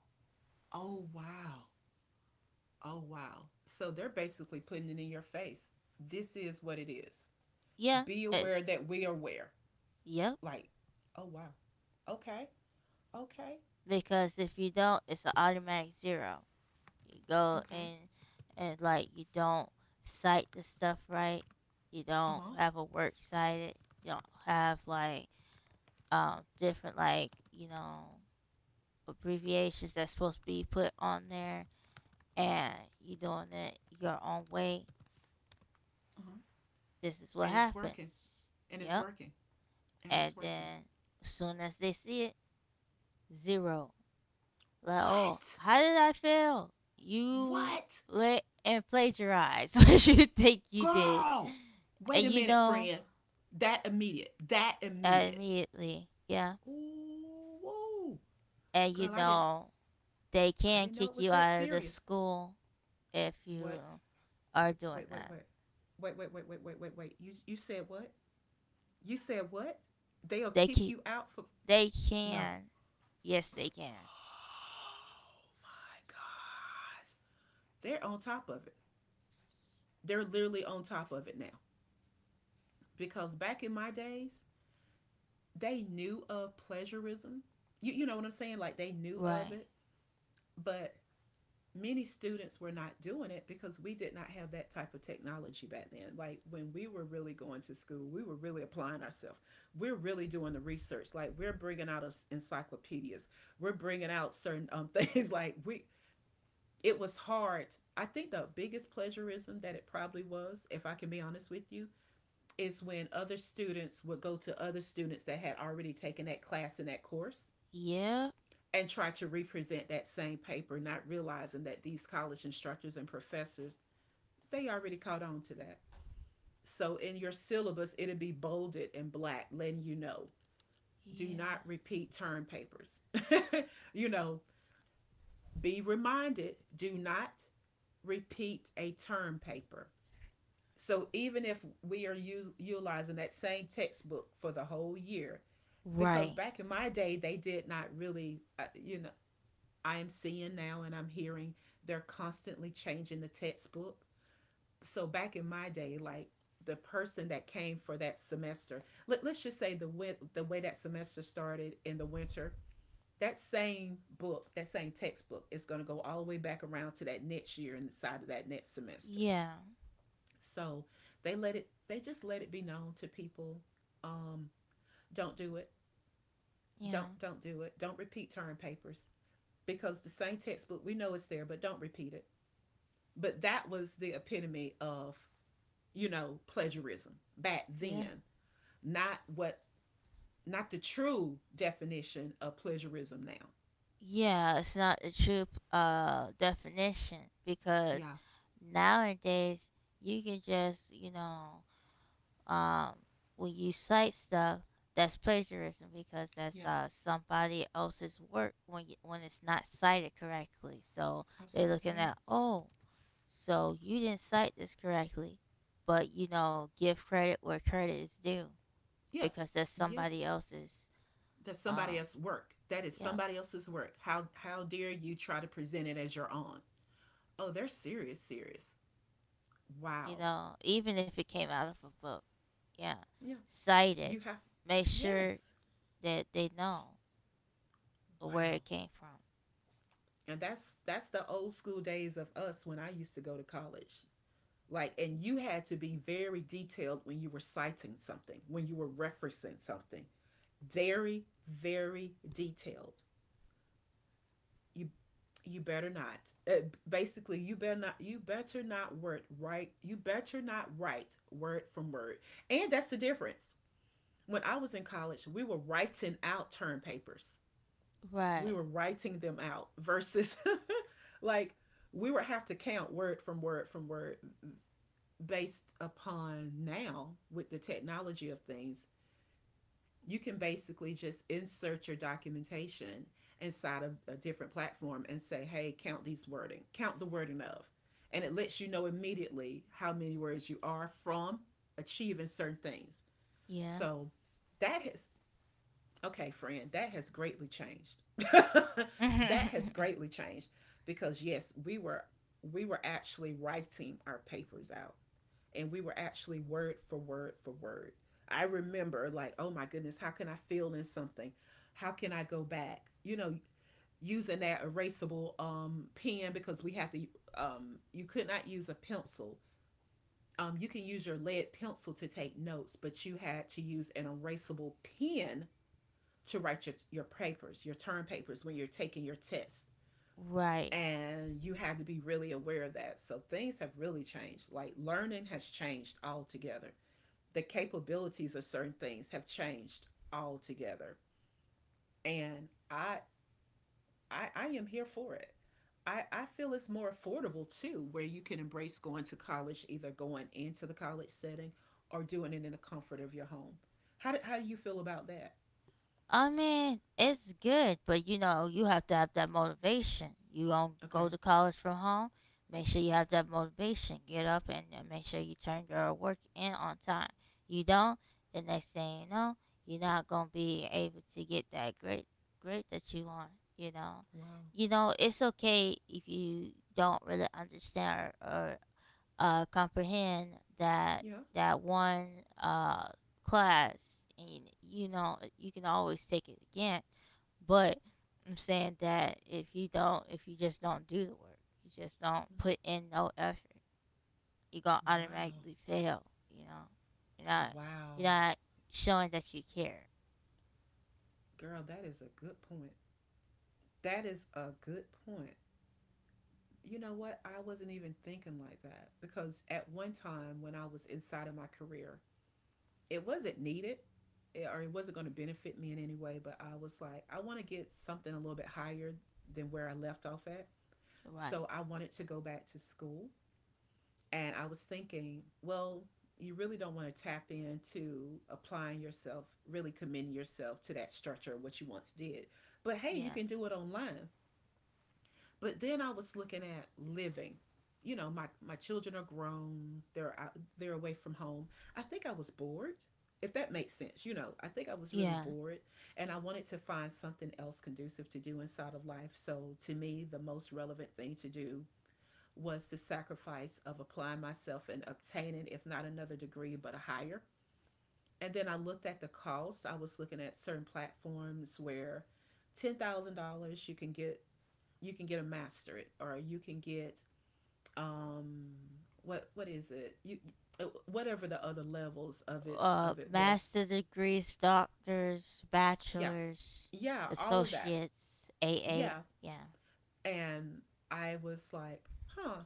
S1: Oh, wow. Oh, wow. So they're basically putting it in your face. This is what it is.
S2: Yeah,
S1: Be
S2: it,
S1: aware that we are aware.
S2: yep.
S1: Like, oh, wow. Okay. Okay.
S2: Because if you don't, it's an automatic zero. You go
S1: Okay.
S2: and like you don't cite the stuff right. You don't
S1: Uh huh.
S2: have a work cited. You don't have like, different, like, you know, abbreviations that's supposed to be put on there, and you doing it your own way,
S1: Uh huh.
S2: this is what
S1: And it's working.
S2: happens.
S1: And it's
S2: Yep.
S1: working. And
S2: And
S1: it's working.
S2: then as soon as they see it, zero. Like, oh,
S1: What?
S2: how did I fail? You
S1: What?
S2: let and plagiarize *laughs* what you think you did.
S1: Girl!
S2: And
S1: Wait a
S2: you
S1: minute,
S2: know
S1: friend. That immediate. That
S2: that
S1: immediate.
S2: immediately. Yeah.
S1: Ooh, whoa.
S2: And you
S1: Girl, I didn't,
S2: know they
S1: I
S2: can
S1: didn't know
S2: kick
S1: it was
S2: you
S1: that
S2: out of the
S1: serious.
S2: school if you
S1: What.
S2: are doing
S1: Wait, wait,
S2: that.
S1: wait. Wait, wait, wait, wait, wait, wait, wait. You said what? You said what? They'll
S2: They
S1: kick
S2: keep.
S1: you out for,
S2: They
S1: no.
S2: can. Yes, they can.
S1: Oh my god. They're on top of it. They're literally on top of it now. Because back in my days, they knew of pleasurism. You know what I'm saying? Like, they knew of
S2: Right.
S1: it, but many students were not doing it because we did not have that type of technology back then. Like, when we were really going to school, we were really applying ourselves. We're really doing the research. Like, we're bringing out us encyclopedias. We're bringing out certain things. *laughs* Like, we, it was hard. I think the biggest plagiarism that it probably was, if I can be honest with you, is when other students would go to other students that had already taken that class in that course
S2: Yep.
S1: and try to represent that same paper, not realizing that these college instructors and professors, they already caught on to that. So in your syllabus, it'll be bolded in black, letting you know, do
S2: Yeah.
S1: not repeat term papers. *laughs* You know, be reminded, do not repeat a term paper. So even if we are utilizing that same textbook for the whole year, because
S2: Right.
S1: back in my day, they did not really, you know, I am seeing now, and I'm hearing, they're constantly changing the textbook. So back in my day, like, the person that came for that semester, let's just say the way that semester started in the winter, that same book, that same textbook is going to go all the way back around to that next year and the side of that next semester.
S2: Yeah.
S1: So they let it, they just let it be known to people. Um, don't do it.
S2: Yeah.
S1: Don't do it. Don't repeat term papers, because the same textbook, we know it's there, but don't repeat it. But that was the epitome of, you know, plagiarism back
S2: Yeah.
S1: then, not what's not the true definition of plagiarism now.
S2: Yeah. It's not the true definition because
S1: Yeah.
S2: nowadays you can just, you know, um when you cite stuff, that's plagiarism because that's
S1: Yeah,
S2: somebody else's work when you, when it's not cited correctly. So they're
S1: absolutely
S2: looking
S1: right.
S2: at, oh, so you didn't cite this correctly, but you know, give credit where credit is due
S1: Yes,
S2: because that's
S1: yes.
S2: somebody else's.
S1: That's somebody
S2: Um,
S1: else's work. That is
S2: yeah,
S1: somebody else's work. How dare you try to present it as your own? Oh, they're serious, serious.
S2: you
S1: Wow.
S2: know, even if it came out of a book, yeah,
S1: Yeah.
S2: cite it.
S1: You have.
S2: Make sure
S1: Yes.
S2: that they know where it
S1: Wow.
S2: came from.
S1: And that's the old school days of us when I used to go to college. Like, and you had to be very detailed when you were citing something, when you were referencing something. Very, very detailed. You you better not, uh, basically, you better not, you better not word right, you better not write word from word. And that's the difference. When I was in college, we were writing out term papers. We
S2: Right.
S1: were writing them out versus *laughs* like, we would have to count word from word from word. Based upon now with the technology of things, you can basically just insert your documentation inside of a different platform and say, hey, count these wording, count the wording of. And it lets you know immediately how many words you are from achieving certain things.
S2: Yeah.
S1: So that has, okay, friend, that has greatly changed. *laughs* That has
S2: *laughs*
S1: greatly changed because yes, we were actually writing our papers out, and we were actually word for word for word. I remember, like, oh my goodness, how can I fill in something? How can I go back? You know, using that erasable pen because we had to. You could not use a pencil. You can use your lead pencil to take notes, but you had to use an erasable pen to write your papers, your term papers when you're taking your test.
S2: right.
S1: And you had to be really aware of that. So things have really changed. Like, learning has changed altogether. The capabilities of certain things have changed altogether. And I am here for it. I feel it's more affordable too, where you can embrace going to college, either going into the college setting or doing it in the comfort of your home. How do you feel about that?
S2: I mean, it's good, but you know, you have to have that motivation. You don't go
S1: Okay.
S2: to college from home. Make sure you have
S1: Okay.
S2: that motivation. Get up and make sure you turn your work in on time. You don't, the next thing you know, you're not gonna be able to get that great grade that you want. You know,
S1: Wow.
S2: you know, it's okay if you don't really understand or comprehend that
S1: Yeah.
S2: that one class, and you know you can always take it again. But I'm saying that if you don't, if you just don't do the work, you just don't put in no effort, you're gonna
S1: Mm-hmm. Wow.
S2: automatically fail. You know, you're not you're
S1: Wow.
S2: not showing that you care.
S1: Girl, that is a good point. That is a good point. You know what? I wasn't even thinking like that because at one time when I was inside of my career, it wasn't needed, or it wasn't going to benefit me in any way, but I was like, I want to get something a little bit higher than where I left off at.
S2: Right.
S1: So I wanted to go back to school. And I was thinking, well, you really don't want to tap into applying yourself, really committing yourself to that structure, what you once did. But hey, you
S2: Yeah.
S1: can do it online. But then I was looking at living. You know, my children are grown. They're out, they're away from home. I think I was bored. If that makes sense, you know, I think I was really
S2: Yeah.
S1: bored, and I wanted to find something else conducive to do inside of life. So to me, the most relevant thing to do was the sacrifice of applying myself and obtaining, if not another degree, but a higher. And then I looked at the cost. I was looking at certain platforms where $10,000 you can get, a masterate, or you can get, um what is it, you whatever the other levels of it of it was.
S2: Master degrees, doctors,
S1: Yeah,
S2: bachelors,
S1: yeah, all of that.
S2: associates, AA.
S1: Yeah.
S2: Yeah.
S1: And I was like, huh,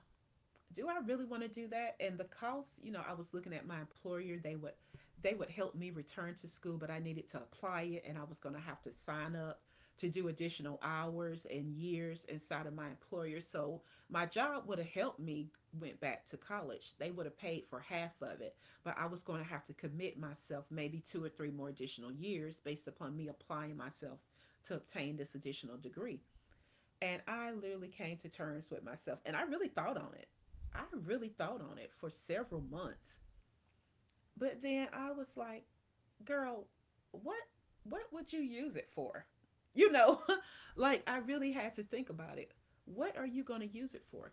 S1: do I really want to do that? And the cost, you know, I was looking at my employer. They would help me return to school, but I needed to apply it, and I was going to have to sign up to do additional hours and years inside of my employer. So my job would have helped me went back to college. They would have paid for half of it, but I was going to have to commit myself maybe 2 or 3 more additional years based upon me applying myself to obtain this additional degree. And I literally came to terms with myself and I really thought on it. I really thought on it for several months. But then I was like, girl, what what would you use it for? You know, *laughs* like, I really had to think about it. What are you going to use it for?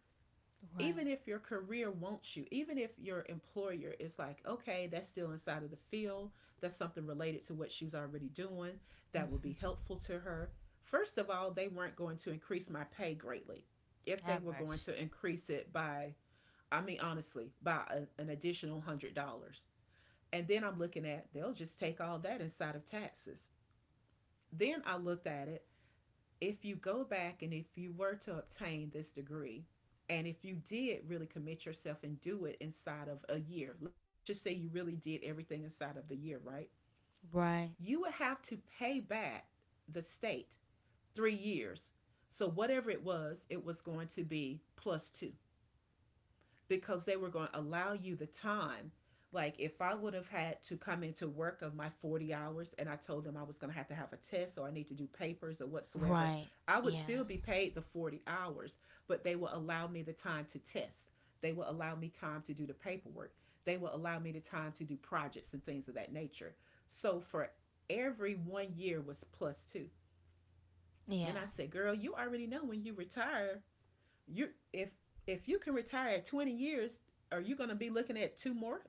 S1: Even
S2: Right.
S1: if your career wants you, even if your employer is like, okay, that's still inside of the field, that's something related to what she's already doing, that would be
S2: Hmm.
S1: helpful to her. First of all, they weren't going to increase my pay greatly. If they
S2: Have
S1: were going to
S2: mercy.
S1: increase it by, I mean, honestly, by an additional $100. And then I'm looking at, they'll just take all that inside of taxes. Then I looked at it, if you go back and if you were to obtain this degree, and if you did really commit yourself and do it inside of a year, let's just say you really did everything inside of the year, right?
S2: Right.
S1: You would have to pay back the state 3 years. So, whatever it was going to be plus two because they were going to allow you the time. Like, if I would have had to come into work of my 40 hours and I told them I was going to have a test or I need to do papers or whatsoever,
S2: Right.
S1: I would
S2: Yeah.
S1: still be paid the 40 hours, but they will allow me the time to test. They will allow me time to do the paperwork. They will allow me the time to do projects and things of that nature. So for every one year was plus two. And I
S2: Yeah.
S1: said, girl, you already know when you retire, you, if you can retire at 20 years, are you going to be looking at two more?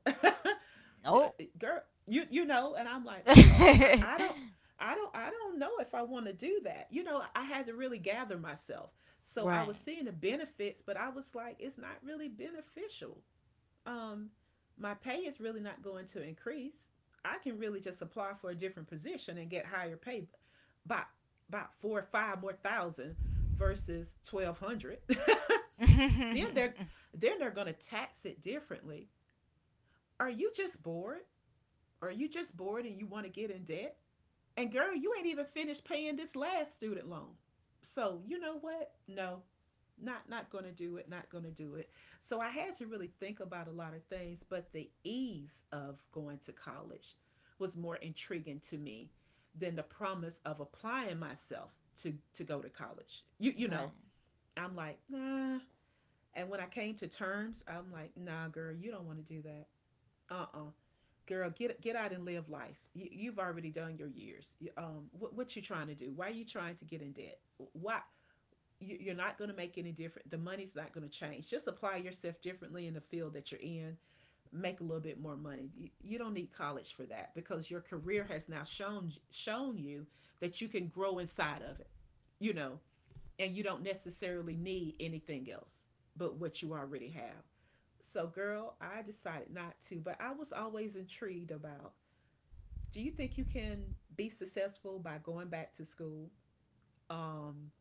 S2: Nope.
S1: *laughs* Girl, you know, and I'm like, ooh, I,
S2: *laughs*
S1: I don't I don't know if I want to do that. You know, I had to really gather myself. So
S2: right.
S1: I
S2: *laughs* right.
S1: was seeing the benefits, but I was like, it's not really beneficial. um my pay is really not going to increase. I can really just apply for a different position and get higher pay by about four or five more thousand versus 1200. *laughs* Then they're then they're going to tax it differently. Are you just bored? Are you just bored and you want to get in debt? And girl, you ain't even finished paying this last student loan. So, you know what? No. Not going to do it. Not going to do it. So, I had to really think about a lot of things, but the ease of going to college was more intriguing to me than the promise of applying myself to go to college. You know, I'm like, nah, and when I came to terms, I'm like, nah, girl, you don't want to do that. Uh-uh. Girl, get out and live life. You've already done your years. What you trying to do? Why are you trying to get in debt? Why? You're not going to make any different. The money's not going to change. Just apply yourself differently in the field that you're in. Make a little bit more money. You don't need college for that because your career has now shown you that you can grow inside of it. You know, and you don't necessarily need anything else but what you already have. So, girl, I decided not to, but I was always intrigued about, do you think you can be successful by going back to school? Um,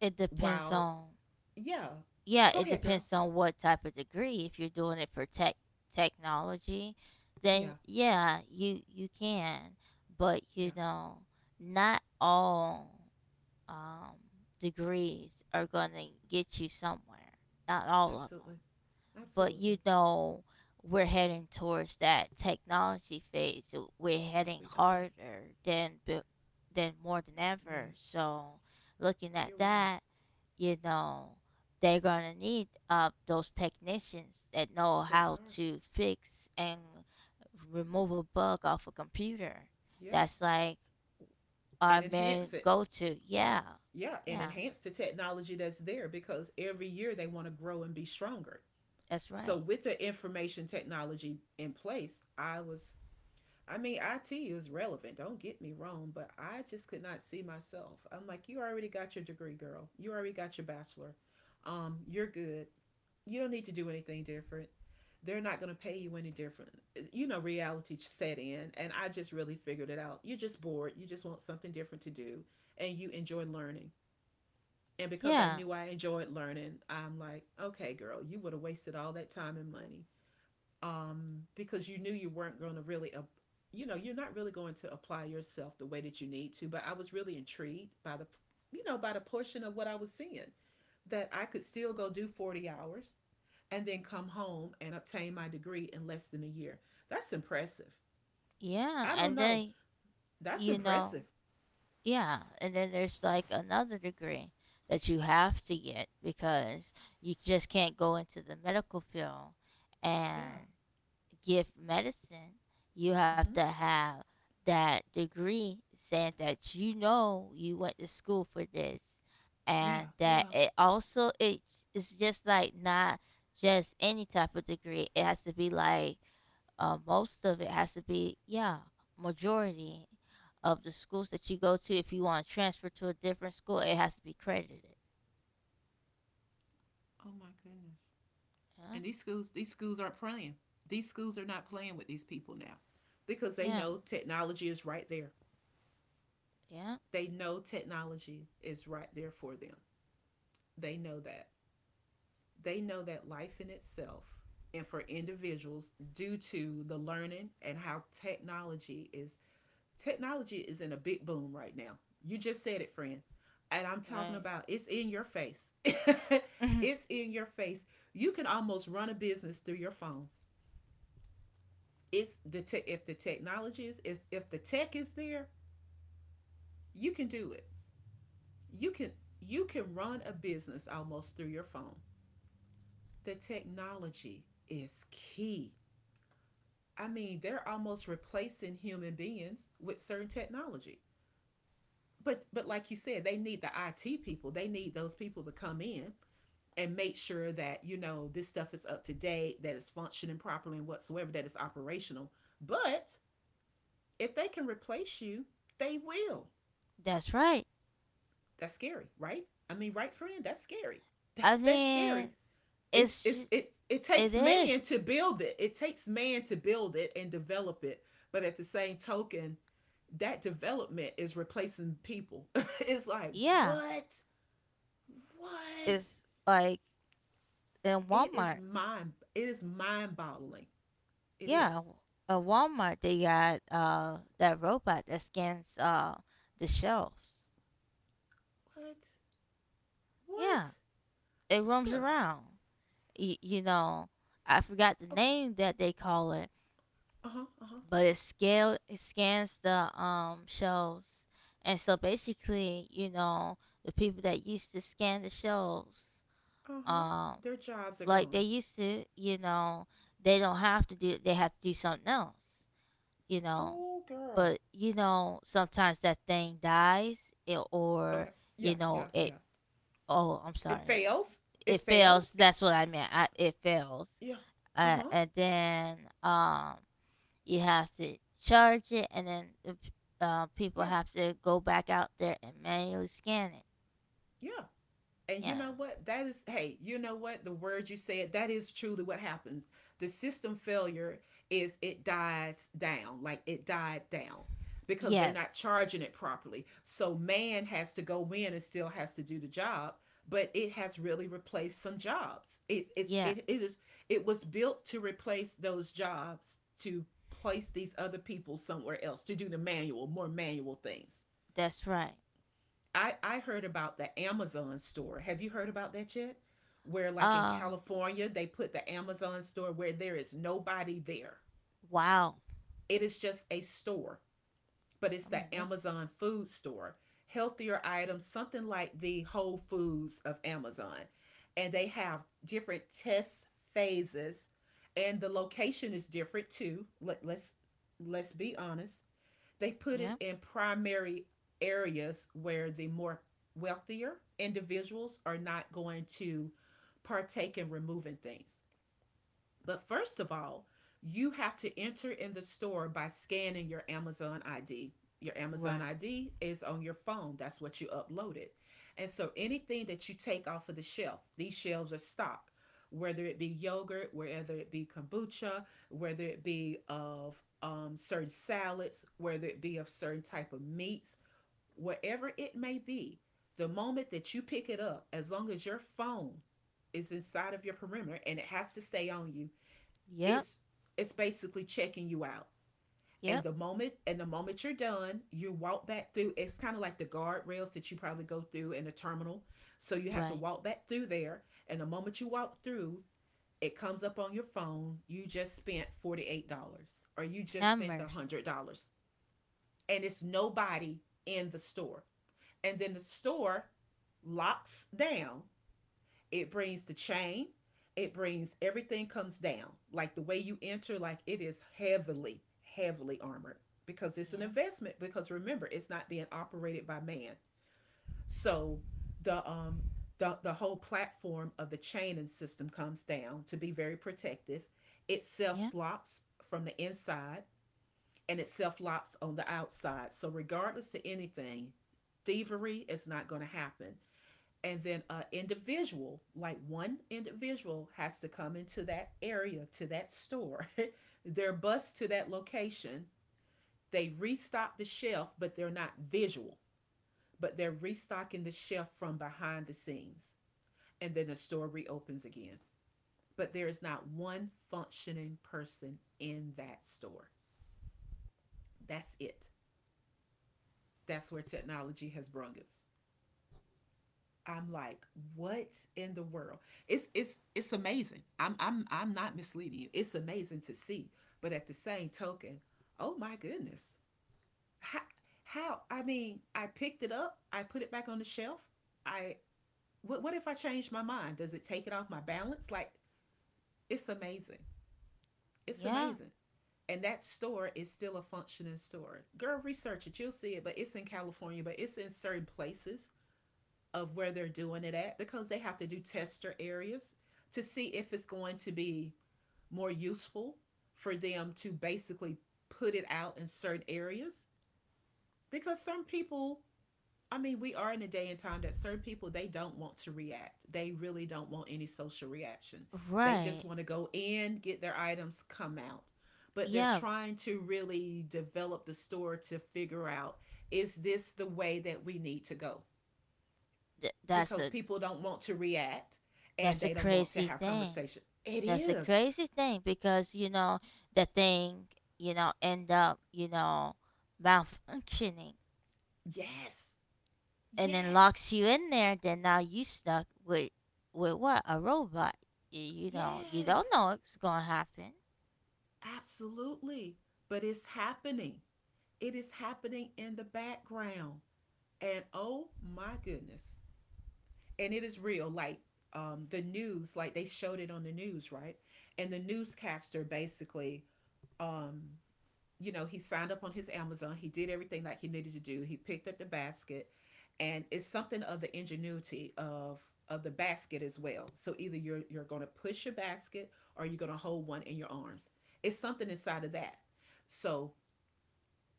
S2: It depends
S1: while,
S2: on.
S1: yeah,
S2: Yeah,
S1: go
S2: it
S1: ahead, girl.
S2: depends on what type of degree. If you're doing it for technology, then
S1: Yeah,
S2: yeah, you can. But you
S1: yeah,
S2: know, not all, um, degrees are gonna get you somewhere. Not all of
S1: absolutely.
S2: them. But you
S1: Absolutely.
S2: know, we're heading towards that technology phase, so we're heading
S1: We are.
S2: harder than than more than ever.
S1: Yes,
S2: So looking at
S1: you're right.
S2: that, you know, they're gonna need those technicians that know
S1: They
S2: how
S1: are.
S2: to fix and remove a bug off a computer.
S1: Yeah.
S2: That's like our
S1: And
S2: main
S1: enhance it.
S2: go-to. Yeah.
S1: Yeah, and
S2: Yeah,
S1: enhance the technology that's there because every year they want to grow and be stronger.
S2: that's
S1: So,
S2: right.
S1: with the information technology in place, I mean, IT is relevant, don't get me wrong, but I just could not see myself. I'm like, you already got your degree, girl. You already got your bachelor. You're good. You don't need to do anything different. They're not going to pay you any different. You know, reality set in, and I just really figured it out. You're just bored. You just want something different to do, and you enjoy learning. And because I
S2: Yeah.
S1: knew I enjoyed learning, I'm like, okay, girl, you would have wasted all that time and money, because you knew you weren't going to really, you know, you're not really going to apply yourself the way that you need to. But I was really intrigued by the portion of what I was seeing that I could still go do 40 hours and then come home and obtain my degree in less than a year. That's impressive.
S2: Yeah,
S1: I don't
S2: and
S1: know.
S2: then,
S1: That's
S2: you know,
S1: impressive.
S2: yeah, and then there's like another degree that you have to get because you just can't go into the medical field
S1: Yeah.
S2: and give medicine. You have to
S1: Mm-hmm.
S2: have that degree saying that you know you went to school for this, and
S1: Yeah.
S2: that
S1: Yeah.
S2: it also it, it's just like not just any type of degree. It has to be like, most of it has to be, yeah, majority of the schools that you go to if you want to transfer to a different school, it has to be credited.
S1: Oh my goodness.
S2: Yeah.
S1: And these schools aren't playing. These schools are not playing with these people now because they
S2: Yeah.
S1: know technology is right there.
S2: Yeah.
S1: They know technology is right there for them. They know that. They know that life in itself and for individuals due to the learning and how technology is in a big boom right now. You just said it, friend. And I'm talking
S2: Right.
S1: about it's in your face. *laughs* It's in your face. You can almost run a business through your phone. If the technology is if the tech is there, you can do it. You can you can run a business almost through your phone. The technology is key. I mean, they're almost replacing human beings with certain technology. But like you said, they need the IT people. They need those people to come in and make sure that, you know, this stuff is up to date, that it's functioning properly and whatsoever, that it's operational. But if they can replace you, they will.
S2: *laughs* that's right.
S1: That's scary, right? I mean, right friend, that's scary.
S2: I
S1: That's scary.
S2: mean, it's just,
S1: It
S2: it
S1: takes man
S2: is.
S1: to build it. It takes man to build it and develop it. But at the same token, that development is replacing people. *laughs* It's like,
S2: Yeah,
S1: what? What?
S2: it's like in Walmart.
S1: It is mind boggling. It
S2: Yeah,
S1: is.
S2: at Walmart they got that robot that scans the shelves.
S1: What? What?
S2: Yeah, it roams
S1: Girl.
S2: around. You know, I forgot the
S1: Okay.
S2: name that they call it,
S1: Uh-huh. Uh-huh.
S2: but it scans the shelves, and so basically, you know, the people that used to scan the shelves,
S1: Uh-huh.
S2: um,
S1: Their jobs are
S2: like they
S1: gone.
S2: used to, you know, they don't have to do. They have to do something else, you know.
S1: Oh girl.
S2: But you know, sometimes that thing dies, it,
S1: Okay.
S2: or
S1: Yeah,
S2: you
S1: yeah,
S2: know, it.
S1: yeah.
S2: Oh, I'm
S1: It
S2: sorry.
S1: fails. It
S2: It
S1: fails.
S2: fails. That's what I meant. It fails
S1: Yeah. Uh-huh.
S2: and then, um, you have to charge it, and then people
S1: Yeah.
S2: have to go back out there and manually scan it.
S1: Yeah. And you
S2: Yeah.
S1: know what? Hey, you know what? The word you said, that is truly what happens. The system failure is it dies down, like it died down because they're
S2: Yes.
S1: not charging it properly. So man has to go in and still has to do the job, but it has really replaced some jobs.
S2: Yeah.
S1: It is it was built to replace those jobs to place these other people somewhere else to do the manual, more manual things.
S2: That's right.
S1: I heard about the Amazon store. Have you heard about that yet? Where like in
S2: Uh.
S1: California, they put the Amazon store where there is nobody there.
S2: Wow.
S1: It is just a store, but
S2: Oh
S1: it's
S2: my
S1: the
S2: goodness.
S1: Amazon food store. Healthier items, something like the Whole Foods of Amazon. And they have different test phases, and the location is different too. Let's be honest. They put
S2: Yeah.
S1: it in primary areas where the more wealthier individuals are not going to partake in removing things. But first of all, you have to enter in the store by scanning your Amazon ID. Your Amazon
S2: Right.
S1: ID is on your phone. That's what you uploaded. And so anything that you take off of the shelf, these shelves are stocked, whether it be yogurt, whether it be kombucha, whether it be of certain salads, whether it be of certain type of meats, whatever it may be, the moment that you pick it up, as long as your phone is inside of your perimeter and it has to stay on you,
S2: Yep.
S1: it's it's basically checking you out.
S2: Yep.
S1: And the moment and the moment you're done, you walk back through. It's kind of like the guardrails that you probably go through in a terminal, so you have to
S2: Right.
S1: walk back through there. And the moment you walk through, it comes up on your phone. You just spent $48 or you just
S2: Have
S1: spent
S2: mercy.
S1: $100, and it's nobody in the store. And then the store locks down, it brings the chain, it brings everything comes down like the way you enter. Like it is heavily heavily armored because it's an
S2: Yeah.
S1: investment, because remember it's not being operated by man. So the um the whole platform of the chain and system comes down to be very protective. It
S2: Yeah.
S1: self locks from the inside, and it self locks on the outside. So regardless of anything, thievery is not going to happen. And then an individual, like one individual has to come into that area to that store. *laughs* They're bused to that location. They restock the shelf, but they're not visual, but they're restocking the shelf from behind the scenes. And then the store reopens again, but there is not one functioning person in that store. That's it. That's where technology has brung us. I'm like, what in the world? It's amazing. I'm not misleading you. It's amazing to see. But at the same token, oh my goodness. How how I mean, I picked it up, I put it back on the shelf. I what if I change my mind? Does it take it off my balance? Like, it's amazing. It's
S2: Yeah.
S1: amazing. And that store is still a functioning store. Girl, research it. You'll see it, but it's in California, but it's in certain places of where they're doing it at because they have to do tester areas to see if it's going to be more useful for them to basically put it out in certain areas. Because some people, I mean, we are in a day and time that certain people they don't want to react. They really don't want any social reaction. They
S2: Right.
S1: just want to go in, get their items, come out. But they're
S2: Yeah.
S1: trying to really develop the store to figure out, is this the way that we need to go?
S2: That's
S1: Because
S2: a,
S1: people don't want to react and
S2: that's a
S1: they don't want to
S2: crazy
S1: have
S2: thing.
S1: conversation. It
S2: That's a
S1: is.
S2: crazy thing because you know the thing, you know, end up, you know, malfunctioning,
S1: Yes.
S2: and then
S1: Yes.
S2: locks you in there. Then now you stuck with what, a robot. You know, you don't
S1: Yes.
S2: know what's gonna happen.
S1: Absolutely. But it's happening. It is happening in the background. And oh my goodness. And it is real. Like the news, like they showed it on the news, right? And the newscaster basically um, you know, he signed up on his Amazon. He did everything like he needed to do. He picked up the basket, and it's something of the ingenuity of the basket as well. So either you're going to push your basket or you're going to hold one in your arms. It's something inside of that. So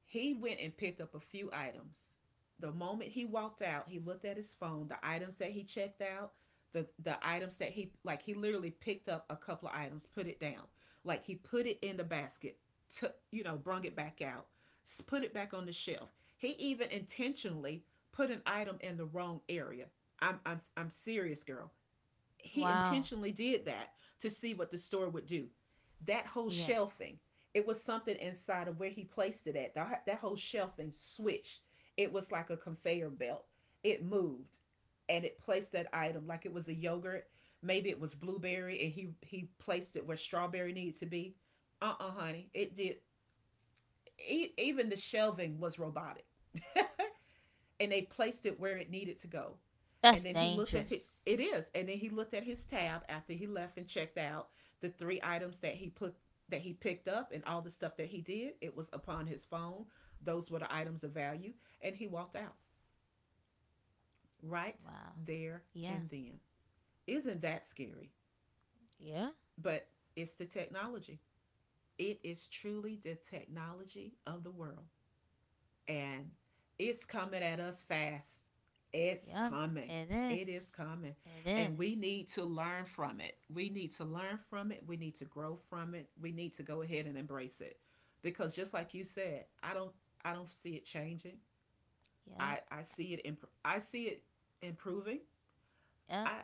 S1: he went and picked up a few items. The moment he walked out, he looked at his phone, the items that he checked out, the items that he, like he literally picked up a couple of items, put it down. Like he put it in the basket, to, you know, brung it back out, put it back on the shelf. He even intentionally put an item in the wrong area. I'm serious, girl, he
S2: Wow.
S1: intentionally did that to see what the store would do. That whole
S2: Yeah.
S1: shelving, it was something inside of where he placed it at. That whole shelving switched. It was like a conveyor belt. It moved and it placed that item like it was a yogurt. Maybe it was blueberry and he placed it where strawberry needed to be. Honey. It did. Even the shelving was robotic and they placed it where it needed to go.
S2: That's
S1: And then he looked at his,
S2: dangerous.
S1: it is, and then he looked at his tab after he left and checked out the three items that he put that he picked up and all the stuff that he did. It was upon his phone. Those were the items of value, and he walked out right
S2: Wow.
S1: there
S2: Yeah.
S1: and then. Isn't that scary?
S2: Yeah.
S1: But it's the technology. It is truly the technology of the world. And it's coming at us fast. It's
S2: Yeah.
S1: coming.
S2: It
S1: It
S2: is.
S1: is coming.
S2: It is.
S1: And we need to learn from it. We need to learn from it. We need to grow from it. We need to go ahead and embrace it. Because just like you said, I don't see it changing.
S2: Yeah.
S1: I see it improving. I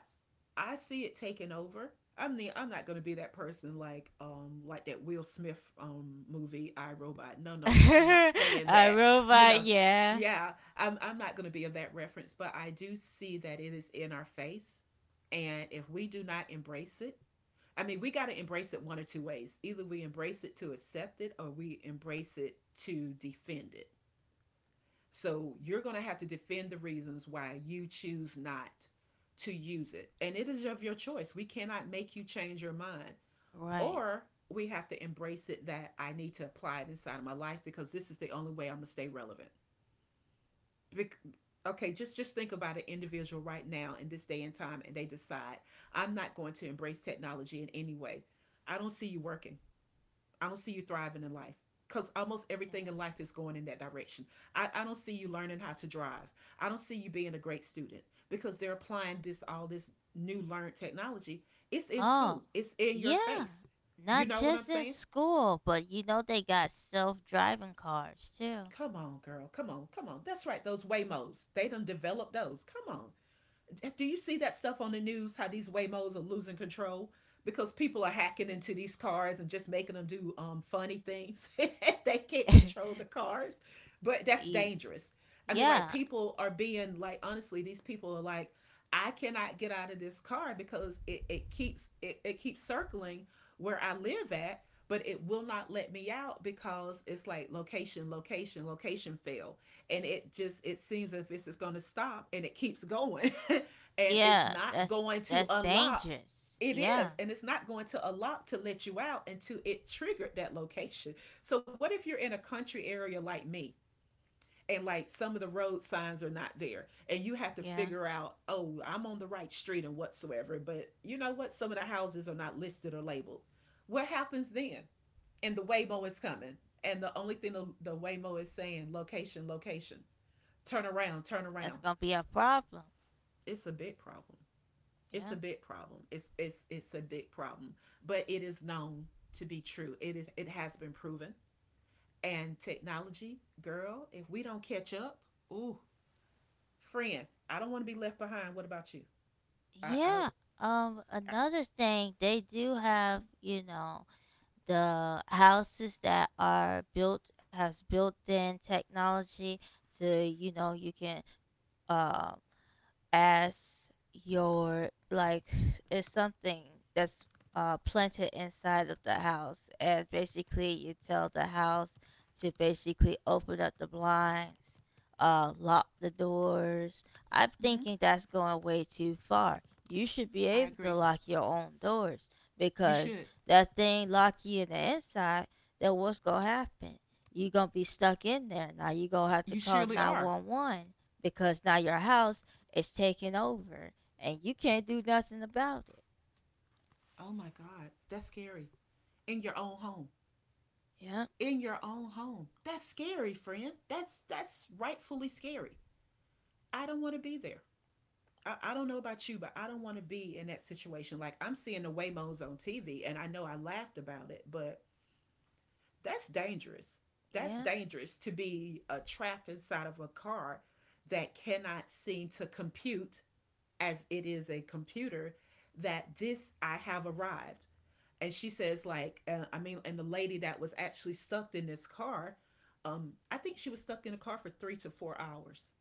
S1: I see it taking over. I mean, I'm not gonna be that person like that Will Smith movie I Robot. No, no, no. I'm not
S2: Yep. *laughs*
S1: saying
S2: a
S1: that. You
S2: robot.
S1: know,
S2: Yeah.
S1: yeah, I'm not gonna be of that reference, but I do see that it is in our face, and if we do not embrace it, I mean, we gotta embrace it one or two ways. Either we embrace it to accept it, or we embrace it to defend it. So you're going to have to defend the reasons why you choose not to use it. And it is of your choice. We cannot make you change your mind.
S2: Right.
S1: Or we have to embrace it that I need to apply it inside of my life because this is the only way I'm going to stay relevant. Bec- okay, just think about an individual right now in this day and time and they decide, I'm not going to embrace technology in any way. I don't see you working. I don't see you thriving in life because almost
S2: Yeah.
S1: everything in life is going in that direction. I don't see you learning how to drive. I don't see you being a great student because they're applying this all this new learned technology. It's in
S2: Oh,
S1: school. It's in your
S2: yeah.
S1: face. You
S2: Not
S1: know what I'm
S2: just in
S1: saying?
S2: school, but you know they got self-driving cars too.
S1: Come on, girl. Come on. Come on. That's right. Those Waymos. They done developed those. Come on. Do you see that stuff on the news? How these Waymos are losing control because people are hacking into these cars and just making them do funny things. *laughs* They can't control
S2: *laughs*
S1: the cars, but that's
S2: Ye-
S1: dangerous. I mean, like
S2: yeah.
S1: people are being like honestly, these people are like, I cannot get out of this car because it keeps circling where I live at, but it will not let me out because it's like location, location, location fail. And it just it seems as if it's gonna stop and it keeps going. *laughs* And it's
S2: Yeah,
S1: not going to
S2: that's
S1: unlock.
S2: dangerous.
S1: It
S2: Yeah.
S1: is, and it's not going to unlock to let you out until it triggered that location. So what if you're in a country area like me, and like some of the road signs are not there and you have to
S2: Yeah.
S1: figure out, oh, I'm on the right street and whatsoever, but you know what, some of the houses are not listed or labeled. What happens then? And the Waymo is coming, and the only thing the Waymo is saying, location, location, turn around, turn
S2: That's
S1: around.
S2: going to be a problem.
S1: It's a big problem.
S2: Yeah.
S1: It's a big problem. It's a big problem, but it is known to be true. It is, it has been proven. And technology, girl, if we don't catch up, ooh, friend, I don't want to be left behind. What about you? I don't.
S2: Yeah. Um,
S1: I,
S2: another thing they do have, you know, the houses that are built has built-in technology to, you know, you can, um as your like it's something that's planted inside of the house, and basically you tell the house to basically open up the blinds, lock the doors. I'm
S1: mm-hmm.
S2: thinking that's going way too far. You should be
S1: I
S2: able to
S1: agree.
S2: lock your own doors
S1: You
S2: because
S1: should.
S2: that thing lock you in the inside, then what's going to happen? You're going to be stuck in there, now you're going to have
S1: You
S2: to call
S1: surely are.
S2: 911 because now your house, it's taking over, and you can't do nothing about it.
S1: Oh my God, that's scary. In your own home.
S2: Yeah,
S1: In your own home. That's scary, friend. That's rightfully scary. I don't want to be there. I don't know about you, but I don't want to be in that situation. Like I'm seeing the Waymos on TV, and I know I laughed about it, but that's dangerous. That's
S2: yeah,
S1: dangerous to be trapped inside of a car that cannot seem to compute as it is a computer that this I have arrived. And she says, like, I mean, and the lady that was actually stuck in this car, I think she was stuck in the car for 3 to 4 hours,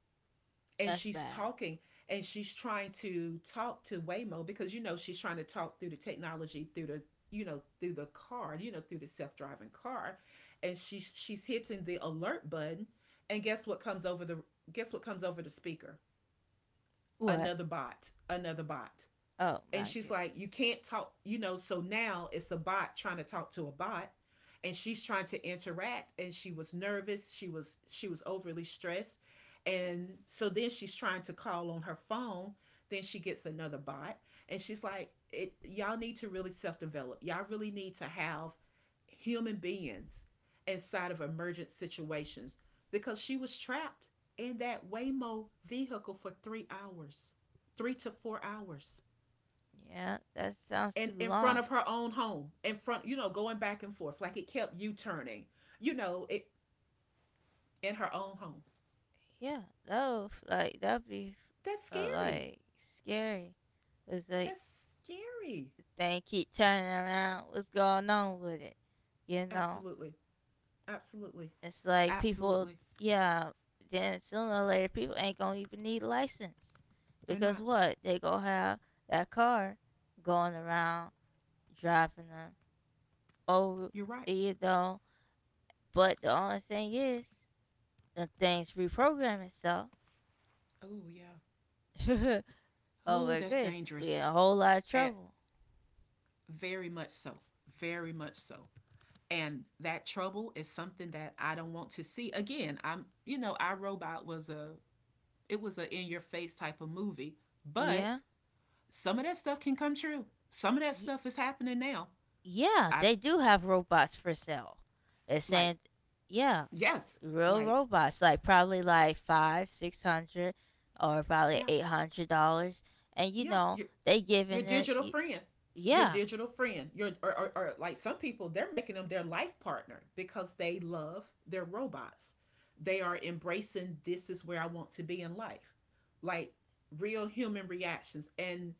S1: and
S2: that's
S1: she's
S2: bad.
S1: talking, and she's trying to talk to Waymo because you know she's trying to talk through the technology, through the, you know, through the car, you know, through the self-driving car. And she's hitting the alert button, and guess what comes over the, guess what comes over the speaker?
S2: What?
S1: Another bot, another bot.
S2: Oh
S1: And
S2: my
S1: she's like, you
S2: goodness.
S1: can't talk, you know. So now it's a bot trying to talk to a bot, and she's trying to interact, and she was nervous. She was overly stressed, and so then she's trying to call on her phone. Then she gets another bot, and she's like, it y'all need to really self develop. Y'all really need to have human beings inside of emergent situations because she was trapped in that Waymo vehicle for 3 hours, 3 to 4 hours,
S2: Yeah, that sounds
S1: and
S2: too
S1: in front
S2: long.
S1: of her own home, in front, you know, going back and forth, like it kept you turning, you know it, in her own home.
S2: Yeah, that would, that'd be
S1: That's scary.
S2: like scary. It's like
S1: That's scary.
S2: the thing keep turning around. What's going on with it? You know,
S1: Absolutely. Absolutely.
S2: it's like people.
S1: Absolutely.
S2: Yeah, then sooner or later people ain't gonna even need license
S1: They're
S2: because
S1: not.
S2: what they gonna have, that car going around driving them over,
S1: You're right.
S2: you know. But the only thing is, the things reprogram itself.
S1: Oh yeah.
S2: *laughs* oh
S1: Oh,
S2: my
S1: that's
S2: goodness, we
S1: dangerous.
S2: in a whole lot of
S1: At.
S2: trouble.
S1: Very much so. Very much so. And that trouble is something that I don't want to see again. I'm, you know, I Robot was a, it was a in your face type of movie,
S2: Yeah,
S1: but some of that stuff can come true. Some of that
S2: y-
S1: stuff is happening now.
S2: yeah,
S1: I,
S2: they do have robots for sale. It's
S1: like,
S2: saying, yeah,
S1: yes,
S2: real
S1: like,
S2: robots, like probably like five, 600, or probably
S1: yeah,
S2: $800, and you
S1: yeah.
S2: know they
S1: Your
S2: giving it,
S1: digital friend, your
S2: yeah,
S1: digital friend, your or like some people they're making them their life partner because they love their robots. They are embracing this is where I want to be in life, like real human reactions,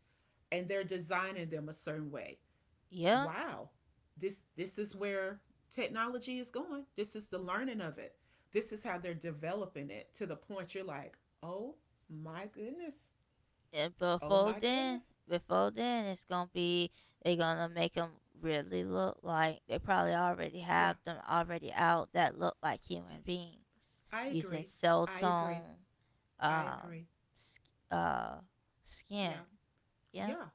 S1: and they're designing them a certain way.
S2: yeah.
S1: Wow, this is where technology is going. This is the learning of it. This is how they're developing it to the point you're like, oh my goodness.
S2: And
S1: Oh my goodness.
S2: before then, it's gonna be they're gonna make them really look like, they probably already
S1: Yeah,
S2: have them already out that look like human beings
S1: I
S2: using
S1: agree.
S2: cell
S1: I agree.
S2: tone,
S1: I
S2: um,
S1: agree.
S2: uh, skin.
S1: Yeah.
S2: Yep.
S1: Yeah.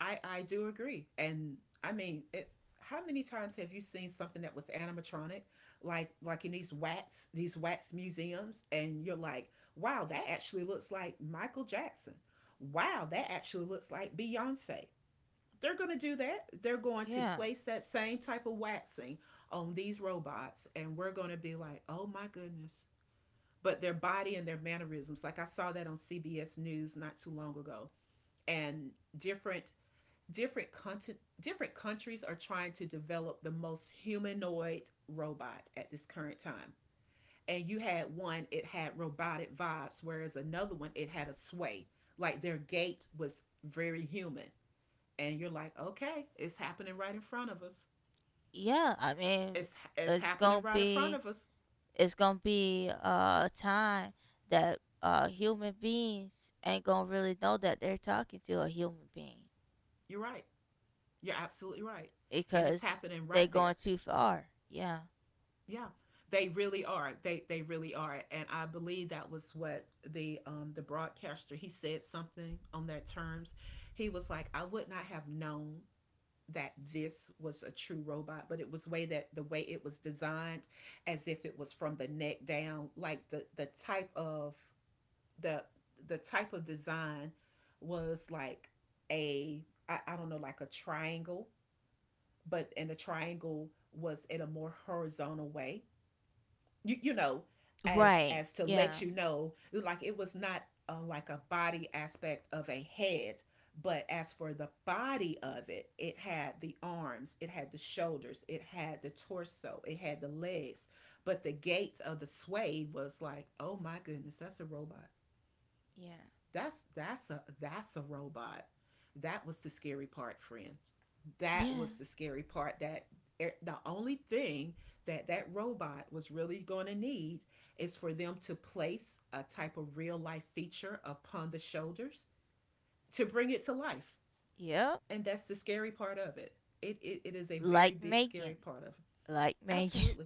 S1: I do agree, and I mean it's how many times have you seen something that was animatronic, like in these wax museums, and you're like, wow, that actually looks like Michael Jackson. Wow, that actually looks like Beyonce. They're going to do that, they're going to
S2: Yeah.
S1: place that same type of waxing on these robots, and we're going to be like, oh my goodness. But their body and their mannerisms, like I saw that on CBS News not too long ago. And different different content, different countries are trying to develop the most humanoid robot at this current time. And you had one, it had robotic vibes, whereas another one, it had a sway, like their gait was very human. And you're like, okay, it's happening right in front of us.
S2: Yeah. I mean,
S1: It's
S2: it's
S1: happening
S2: gonna
S1: right in front
S2: be,
S1: of us.
S2: it's gonna be a time that human beings ain't gonna really know that they're talking to a human being.
S1: You're right. You're absolutely right. And it's
S2: Because
S1: happening
S2: they
S1: right
S2: going
S1: there.
S2: too far. Yeah.
S1: Yeah. They really are. They really are. And I believe that was what the broadcaster, he said something on that terms. He was like, I would not have known that this was a true robot, but it was way that the way it was designed as if it was from the neck down, like the type of, the the type of design was like a, I don't know, like a triangle, but and the triangle was in a more horizontal way, you know,
S2: Right.
S1: as to
S2: Yeah.
S1: let you know, like it was not like a body aspect of a head, but as for the body of it, it had the arms, it had the shoulders, it had the torso, it had the legs, but the gait of the sway was like, oh my goodness, that's a robot.
S2: Yeah.
S1: That's a that's a robot. That was the scary part, friend. That
S2: Yeah.
S1: was the scary part. That e, the only thing that that robot was really going to need is for them to place a type of real life feature upon the shoulders to bring it to life.
S2: Yep.
S1: And that's the scary part of it. It is a very
S2: Like
S1: big scary
S2: Megan.
S1: part of.
S2: Like Megan.
S1: Absolutely.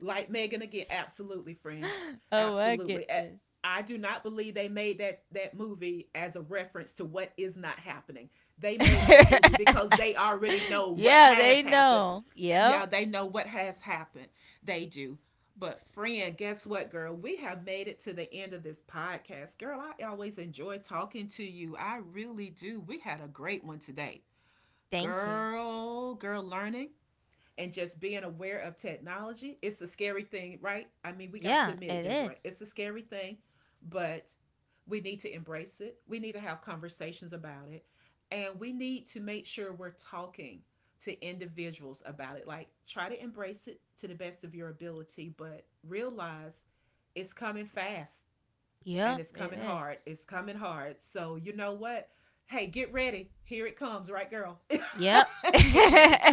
S1: Like Megan again, absolutely, friend.
S2: *laughs* oh my
S1: Absolutely.
S2: goodness.
S1: I do not believe they made that that movie as a reference to what is not happening. They made that movie because they already know
S2: *laughs*
S1: what
S2: yeah,
S1: has
S2: they
S1: happened.
S2: know.
S1: Yeah,
S2: Yep.
S1: they know what has happened. They do. But friend, guess what, girl? We have made it to the end of this podcast. Girl, I always enjoy talking to you. I really do. We had a great one today.
S2: Thank you.
S1: Girl, girl learning and just being aware of technology, it's a scary thing, right? I mean, we got to
S2: Yeah,
S1: admit it,
S2: it
S1: Desiree.
S2: is.
S1: It's a scary thing, but we need to embrace it. We need to have conversations about it. And we need to make sure we're talking to individuals about it. Like, try to embrace it to the best of your ability, but realize it's coming fast and
S2: Yep,
S1: it's
S2: it
S1: coming hard.
S2: is.
S1: It's coming hard. So, you know what? Hey, get ready. Here it comes, right, girl? *laughs*
S2: Yep.
S1: Get ready,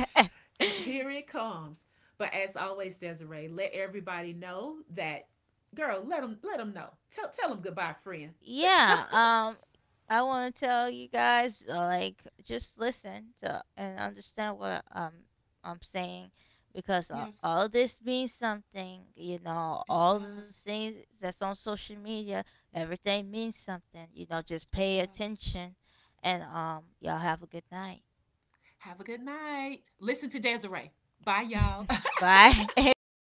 S1: here
S2: *laughs*
S1: it comes. But as always, Desiree, let everybody know that, girl, let them know. Tell, tell them goodbye, friend.
S2: yeah, I want to tell you guys, like, just listen to and understand what I'm saying, because,
S1: Yes,
S2: all this means something, you know,
S1: it
S2: all the
S1: does.
S2: things that's on social media, everything means something, you know, just
S1: It
S2: pay
S1: does.
S2: attention, and y'all have a good night.
S1: Have a good night. Listen to Desiree. Bye, y'all.
S2: *laughs*
S1: *laughs*
S2: bye *laughs*